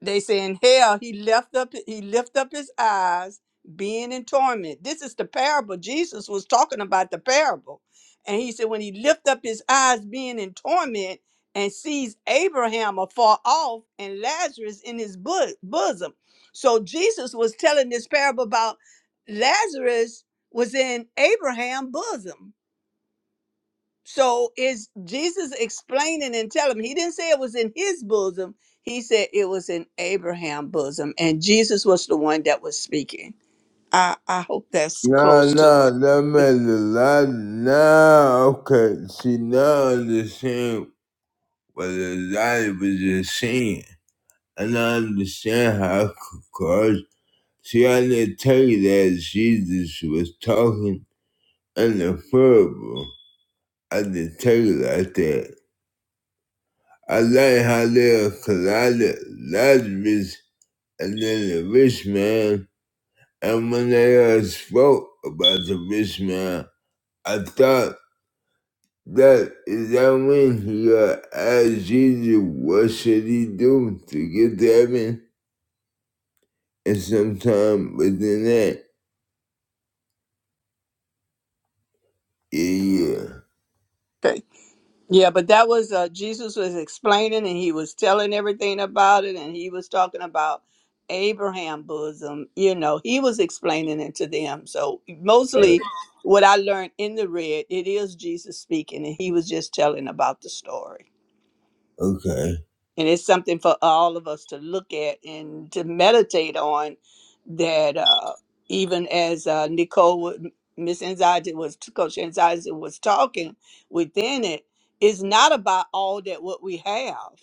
[SPEAKER 6] They say in hell, he left up he lift up his eyes, being in torment. This is the parable. Jesus was talking about the parable. And he said, when he lift up his eyes being in torment and sees Abraham afar off and Lazarus in his bo- bosom. So Jesus was telling this parable about Lazarus was in Abraham's bosom. So is Jesus explaining and telling him? He didn't say it was in his bosom. He said it was in Abraham's bosom, and Jesus was the one that was speaking. I I hope that's
[SPEAKER 3] No,
[SPEAKER 6] close to
[SPEAKER 3] no, that
[SPEAKER 6] it.
[SPEAKER 3] made a lot. Now, okay, see, now I understand what Elijah was just saying. And I understand how I could cause. See, I didn't tell you that Jesus was talking in the parable. I didn't tell you like that. I like how they are collided Lazarus and then the rich man. And when they uh, spoke about the rich man, I thought that is that when he uh, asked Jesus what should he do to get to heaven? And sometime within that, yeah,
[SPEAKER 6] Okay. Yeah, but that was uh, Jesus was explaining, and he was telling everything about it, and he was talking about Abraham bosom. You know, he was explaining it to them. So
[SPEAKER 3] yeah.
[SPEAKER 6] mostly, what I learned in the red, it is Jesus speaking, and he was just telling about the story.
[SPEAKER 3] Okay.
[SPEAKER 6] and it's something for all of us to look at and to meditate on that uh even as uh nicole would- miss anxiety was coach anxiety was talking within it, it is not about all that what we have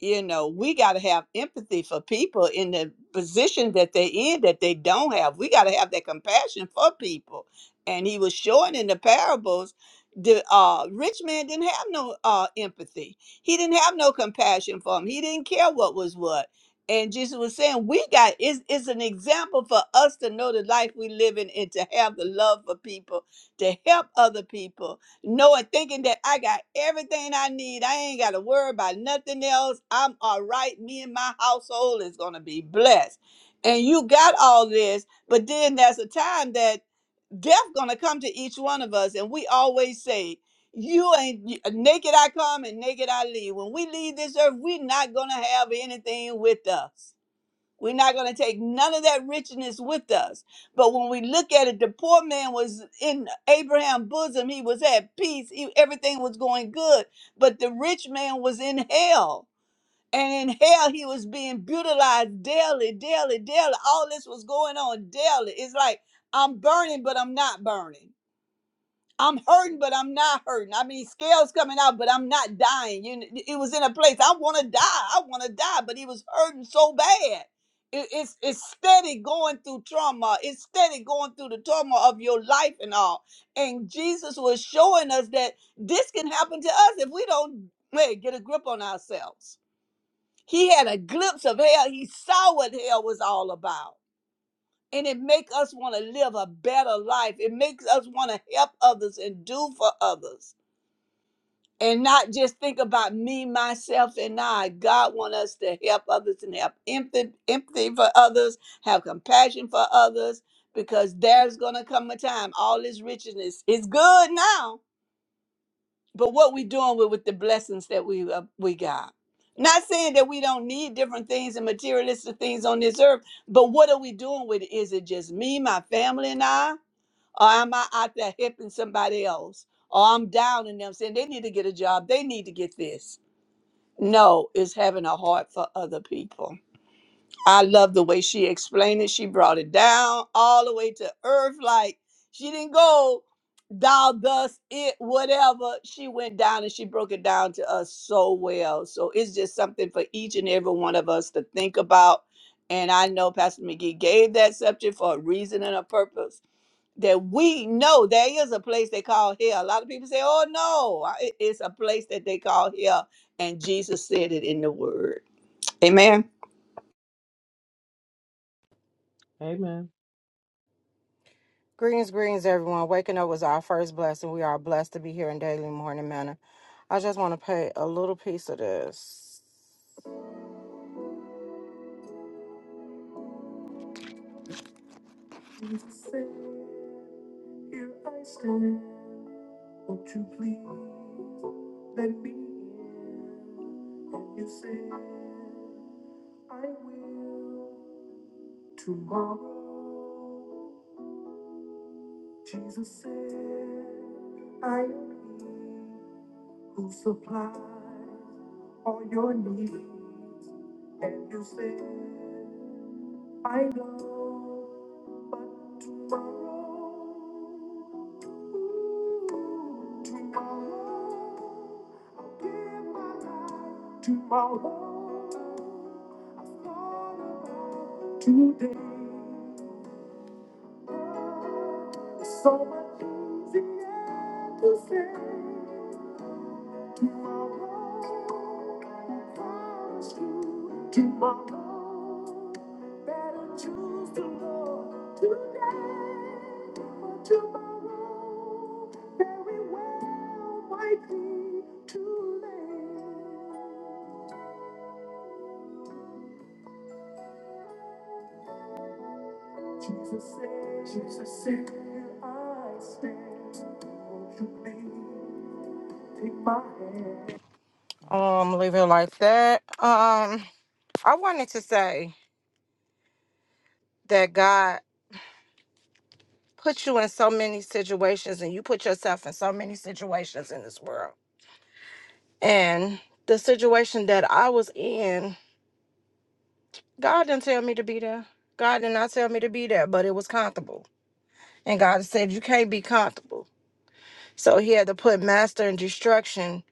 [SPEAKER 6] you know, we got to have empathy for people in the position that they're in that they don't have. We got to have that compassion for people. And he was showing in the parables, the uh, rich man didn't have no uh, empathy. He didn't have no compassion for him. He didn't care what was what. And Jesus was saying, we got It's is an example for us to know the life we live in and to have the love for people, to help other people Noah thinking that I got everything I need. I ain't got to worry about nothing else. I'm all right. Me and my household is going to be blessed. And you got all this, but then there's a time that death going to come to each one of us. And we always say, you ain't you- naked I come and naked I leave. When we leave this earth, we are not going to have anything with us. We're not going to take none of that richness with us. But when we look at it, the poor man was in Abraham's bosom. He was at peace. He- everything was going good. But the rich man was in hell. And in hell, he was being brutalized daily, daily, daily. All this was going on daily. It's like, I'm burning, but I'm not burning. I'm hurting, but I'm not hurting. I mean, scales coming out, but I'm not dying. You, kn- it was in a place I want to die. I want to die, but he was hurting so bad. It, it's it's steady going through trauma. It's steady going through the trauma of your life and all. And Jesus was showing us that this can happen to us if we don't hey, get a grip on ourselves. He had a glimpse of hell. He saw what hell was all about and it makes us want to live a better life. It makes us want to help others and do for others. And not just think about me, myself, and I. God want us to help others and have empathy, empathy for others, have compassion for others, because there's gonna come a time. All this richness is good now, but what we doing with, with the blessings that we uh, we got? Not saying that we don't need different things and materialistic things on this earth, but what are we doing with it? Is it just me, my family, and I? or am I out there helping somebody else? Or I'm down in them saying they need to get a job, they need to get this. No, it's having a heart for other people. I love the way she explained it. She brought it down all the way to earth. Like she didn't go thou thus it whatever. She went down and she broke it down to us so well. So it's just something for each and every one of us to think about. And I know Pastor McGee gave that subject for a reason and a purpose that we know there is a place they call hell. A lot of people say, "Oh no, I- it- it's a place that they call hell," and Jesus said it in the Word. Amen.
[SPEAKER 4] Amen.
[SPEAKER 5] Greens, greens, everyone. Waking up was our first blessing. We are blessed to be here in Daily Morning Manor. I just want to pay a little piece of this. Um, leave it like that. Um, I wanted to say that God put you in so many situations and you put yourself in so many situations in this world. And the situation that I was in, God didn't tell me to be there. God did not tell me to be there, but it was comfortable. And God said, You can't be comfortable. So he had to put master and destruction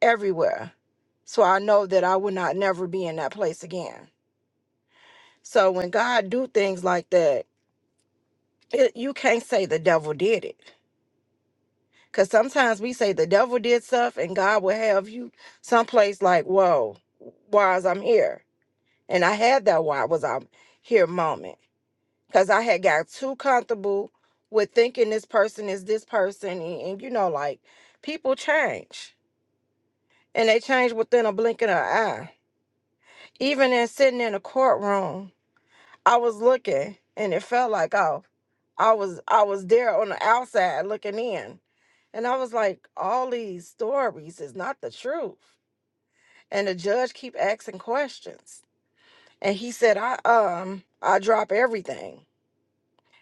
[SPEAKER 5] everywhere. So I know that I would not never be in that place again. So when God do things like that, it, you can't say the devil did it. Cause sometimes we say the devil did stuff and God will have you someplace like, whoa, why is I'm here? And I had that why was I'm here moment. Cause I had got too comfortable with thinking this person is this person. And, and you know, like people change and they change within a blink of an eye Even in sitting in a courtroom, I was looking and it felt like oh, I was I was there on the outside looking in. And I was like, all these stories is not the truth. And the judge keep asking questions. And he said, I um I drop everything.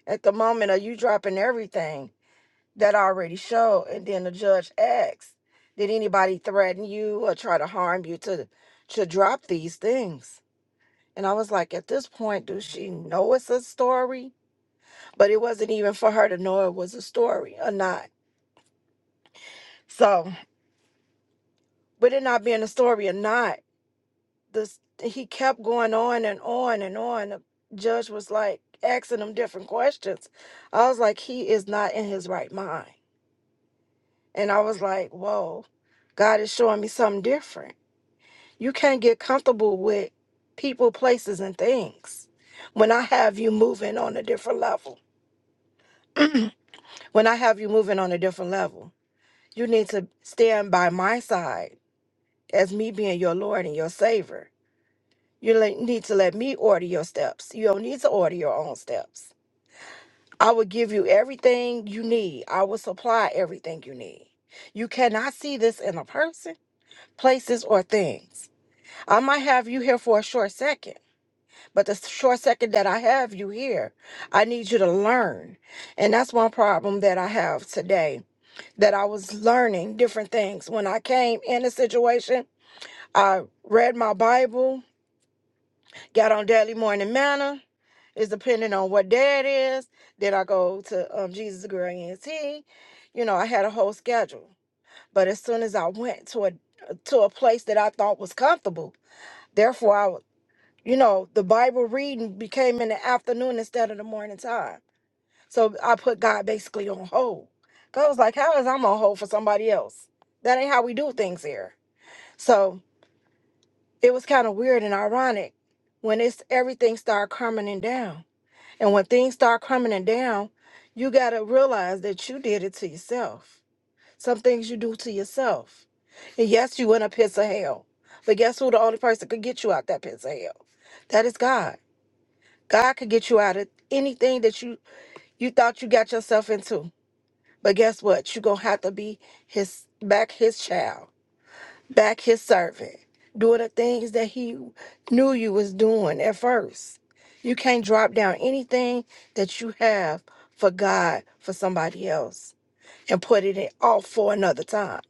[SPEAKER 5] At the moment of you dropping everything that I already showed. And then the judge asks, Did anybody threaten you or try to harm you to to drop these things? And I was like, at this point, does she know it's a story? But it wasn't even for her to know it was a story or not. So, with it not being a story or not, this he kept going on and on and on. The judge was like asking him different questions. I was like, he is not in his right mind. And I was like, whoa, God is showing me something different. You can't get comfortable with people, places, and things when I have you moving on a different level. When I have you moving on a different level, you need to stand by my side as me being your Lord and your Savior. You le- need to let me order your steps. You don't need to order your own steps. I will give you everything you need, I will supply everything you need. You cannot see this in a person, places, or things. I might have you here for a short second, but the short second that I have you here, I need you to learn. And that's one problem that I have today that I was learning different things. When I came in a situation, I read my Bible, got on daily morning manna. It's depending on what day it is. Then I go to um, Jesus Girl ENT. You know, I had a whole schedule. But as soon as I went to a to a place that I thought was comfortable, therefore I, would- you know, the Bible reading became in the afternoon instead of the morning time So I put God basically on hold. 'Cause I was like, how is I'm on hold for somebody else? That ain't how we do things here. So it was kind of weird and ironic when it's everything start crumbling down. And when things start crumbling down, you gotta realize that you did it to yourself. Some things you do to yourself. And yes, you in a pits of hell. But guess who the only person could get you out that pits of hell? That is God. God could get you out of anything that you you thought you got yourself into. But guess what? You're gonna have to be his back his child, back his servant, doing the things that he knew you was doing at first. You can't drop down anything that you have for God for somebody else and put it in off for another time.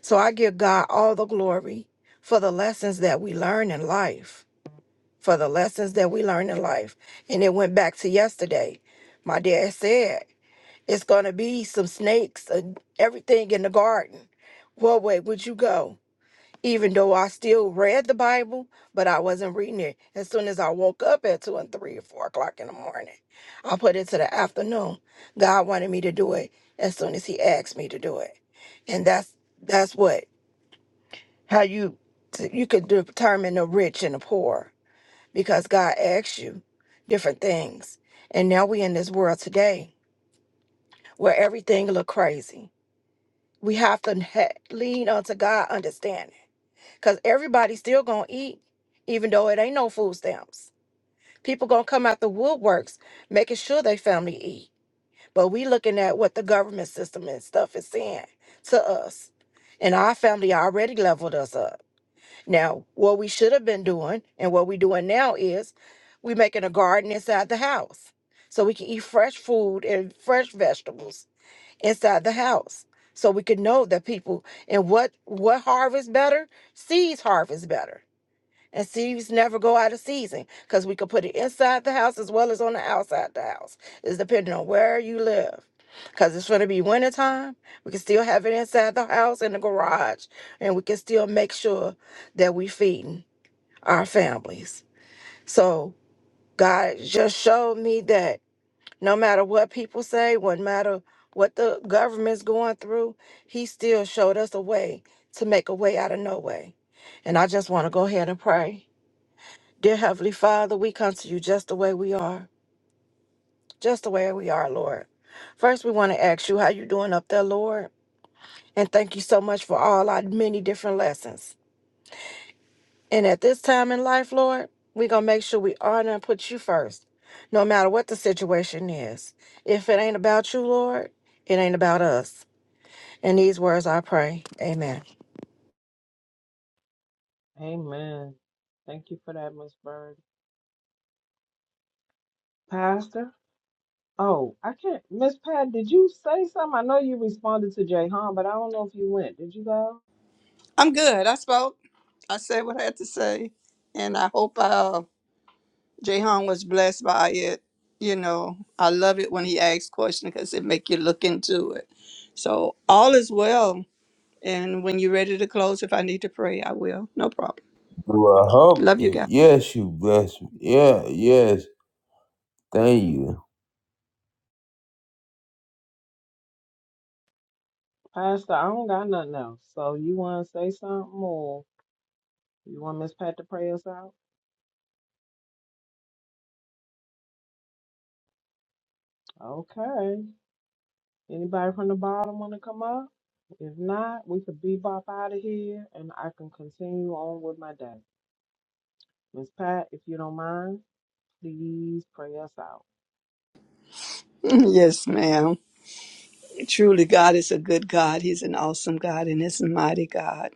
[SPEAKER 5] So I give God all the glory for the lessons that we learn in life. For the lessons that we learn in life. And it went back to yesterday. My dad said it's going to be some snakes and everything in the garden. What way would you go? Even though I still read the Bible, but I wasn't reading it. As soon as I woke up at two and three or four o'clock in the morning, I put it to the afternoon. God wanted me to do it as soon as He asked me to do it, and that's that's what how you you could determine the rich and the poor because God asks you different things. And now we in this world today where everything look crazy we have to ha- lean unto God understanding because everybody's still gonna eat, even though it ain't no food stamps. People gonna come out the woodworks making sure they family eat, but we looking at what the government system and stuff is saying to us, and our family already leveled us up. Now, what we should have been doing and what we doing now is we making a garden inside the house so we can eat fresh food and fresh vegetables inside the house so we could know that people and what what harvest better seeds harvest better and seeds never go out of season because we could put it inside the house as well as on the outside the house it's depending on where you live because it's going to be wintertime we can still have it inside the house in the garage and we can still make sure that we feeding our families so god just showed me that no matter what people say, no matter what the government's going through, he still showed us a way to make a way out of no way. And I just want to go ahead and pray. Dear Heavenly Father, we come to you just the way we are, just the way we are, Lord. First, we want to ask you how you doing up there, Lord, and thank you so much for all our many different lessons. And at this time in life, Lord, we're going to make sure we honor and put you first, no matter what the situation is. If it ain't about you, Lord, it ain't about us. In these words I pray. Amen.
[SPEAKER 4] Amen. Thank you for that, Miss Bird. Pastor? Oh, I can't Miss Pat, did you say something? I know you responded to Jay Han, but I don't know if you went. Did you go?
[SPEAKER 6] I'm good. I spoke. I said what I had to say, and I hope uh, Jehan was blessed by it. You know, I love it when he asks questions because it make you look into it. So all is well. And when you're ready to close, if I need to pray, I will. No problem.
[SPEAKER 3] Well, I hope.
[SPEAKER 6] Love you guys.
[SPEAKER 3] Yes, you bless me. Yeah, yes. Thank you.
[SPEAKER 4] Pastor, I don't got nothing else. So you wanna say something or you want Miss Pat to pray us out? Okay. Anybody from the bottom want to come up? If not, we could bebop out of here and I can continue on with my day. Miss Pat, if you don't mind, please pray us out.
[SPEAKER 6] yes, ma'am. Truly, God is a good God. He's an awesome God and He's a mighty God.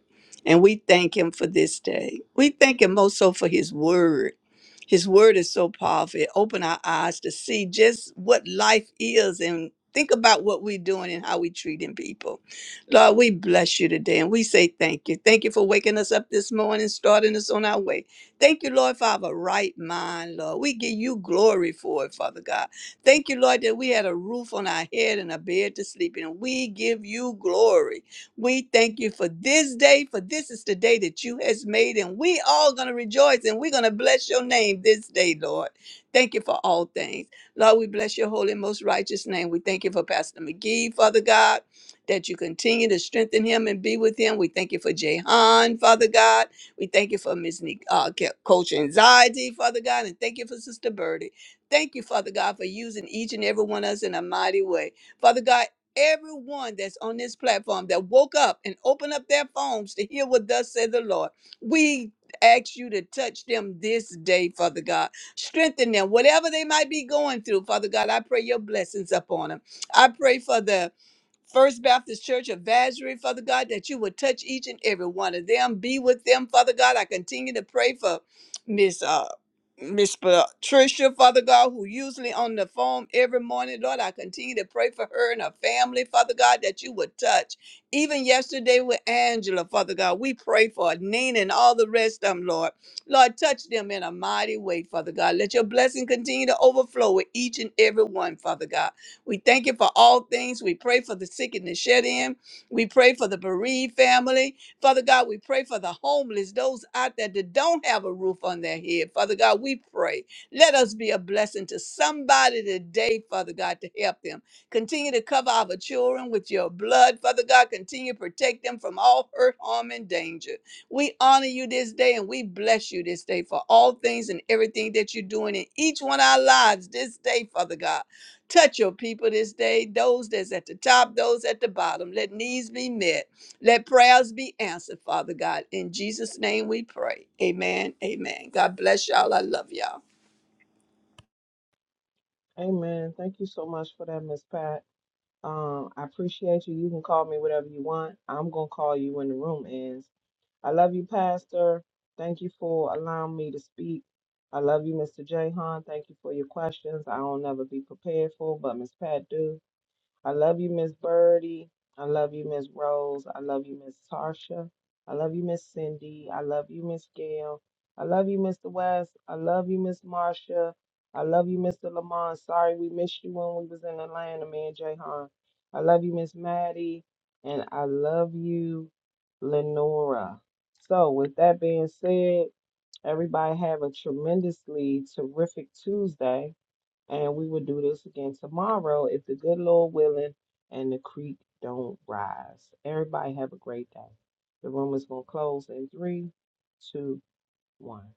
[SPEAKER 6] And we thank Him for this day. We thank Him most so for His Word. His Word is so powerful. It opened our eyes to see just what life is and think about what we're doing and how we're treating people. Lord, we bless you today and we say thank you. Thank you for waking us up this morning, starting us on our way. Thank you, Lord, for our right mind, Lord. We give you glory for it, Father God. Thank you, Lord, that we had a roof on our head and a bed to sleep in. We give you glory. We thank you for this day, for this is the day that you has made, and we all gonna rejoice and we're gonna bless your name this day, Lord. Thank you for all things. Lord, we bless your holy, and most righteous name. We thank you for Pastor McGee, Father God, that you continue to strengthen him and be with him. We thank you for Jehan, Father God. We thank you for Miss Ne- uh, Coach Anxiety, Father God, and thank you for Sister Birdie. Thank you, Father God, for using each and every one of us in a mighty way. Father God, everyone that's on this platform that woke up and opened up their phones to hear what thus said the Lord, we ask you to touch them this day, Father God. Strengthen them, whatever they might be going through, Father God. I pray your blessings upon them. I pray for them. First Baptist Church of Vazery, Father God, that you would touch each and every one of them. Be with them, Father God. I continue to pray for Miss uh Miss Patricia, Father God, who usually on the phone every morning, Lord, I continue to pray for her and her family, Father God, that you would touch. Even yesterday with Angela, Father God, we pray for Nina and all the rest of them, Lord. Lord, touch them in a mighty way, Father God. Let your blessing continue to overflow with each and every one, Father God. We thank you for all things. We pray for the sick and the shed in. We pray for the bereaved family. Father God, we pray for the homeless, those out there that don't have a roof on their head. Father God, we pray. Let us be a blessing to somebody today, Father God, to help them. Continue to cover our children with your blood. Father God, continue to protect them from all hurt, harm, and danger. We honor you this day and we bless you this day for all things and everything that you're doing in each one of our lives this day, Father God. Touch your people this day, those that's at the top, those at the bottom. Let needs be met. Let prayers be answered, Father God. In Jesus' name we pray. Amen. Amen. God bless y'all. I love y'all.
[SPEAKER 4] Amen. Thank you so much for that, Miss Pat. Um, I appreciate you. You can call me whatever you want. I'm gonna call you when the room ends. I love you, Pastor. Thank you for allowing me to speak. I love you, Mr. Jahan. Thank you for your questions. I don't never be prepared for, but Miss Pat do. I love you, Miss Birdie. I love you, Miss Rose. I love you, Miss Tarsha. I love you, Miss Cindy. I love you, Miss Gail. I love you, Mr. West. I love you, Miss Marsha. I love you, Mr. Lamont. Sorry we missed you when we was in Atlanta, me and Jayhan. I love you, Miss Maddie. And I love you, Lenora. So with that being said, everybody have a tremendously terrific Tuesday. And we will do this again tomorrow if the good Lord willing and the creek don't rise. Everybody have a great day. The room is going to close in three, two, one.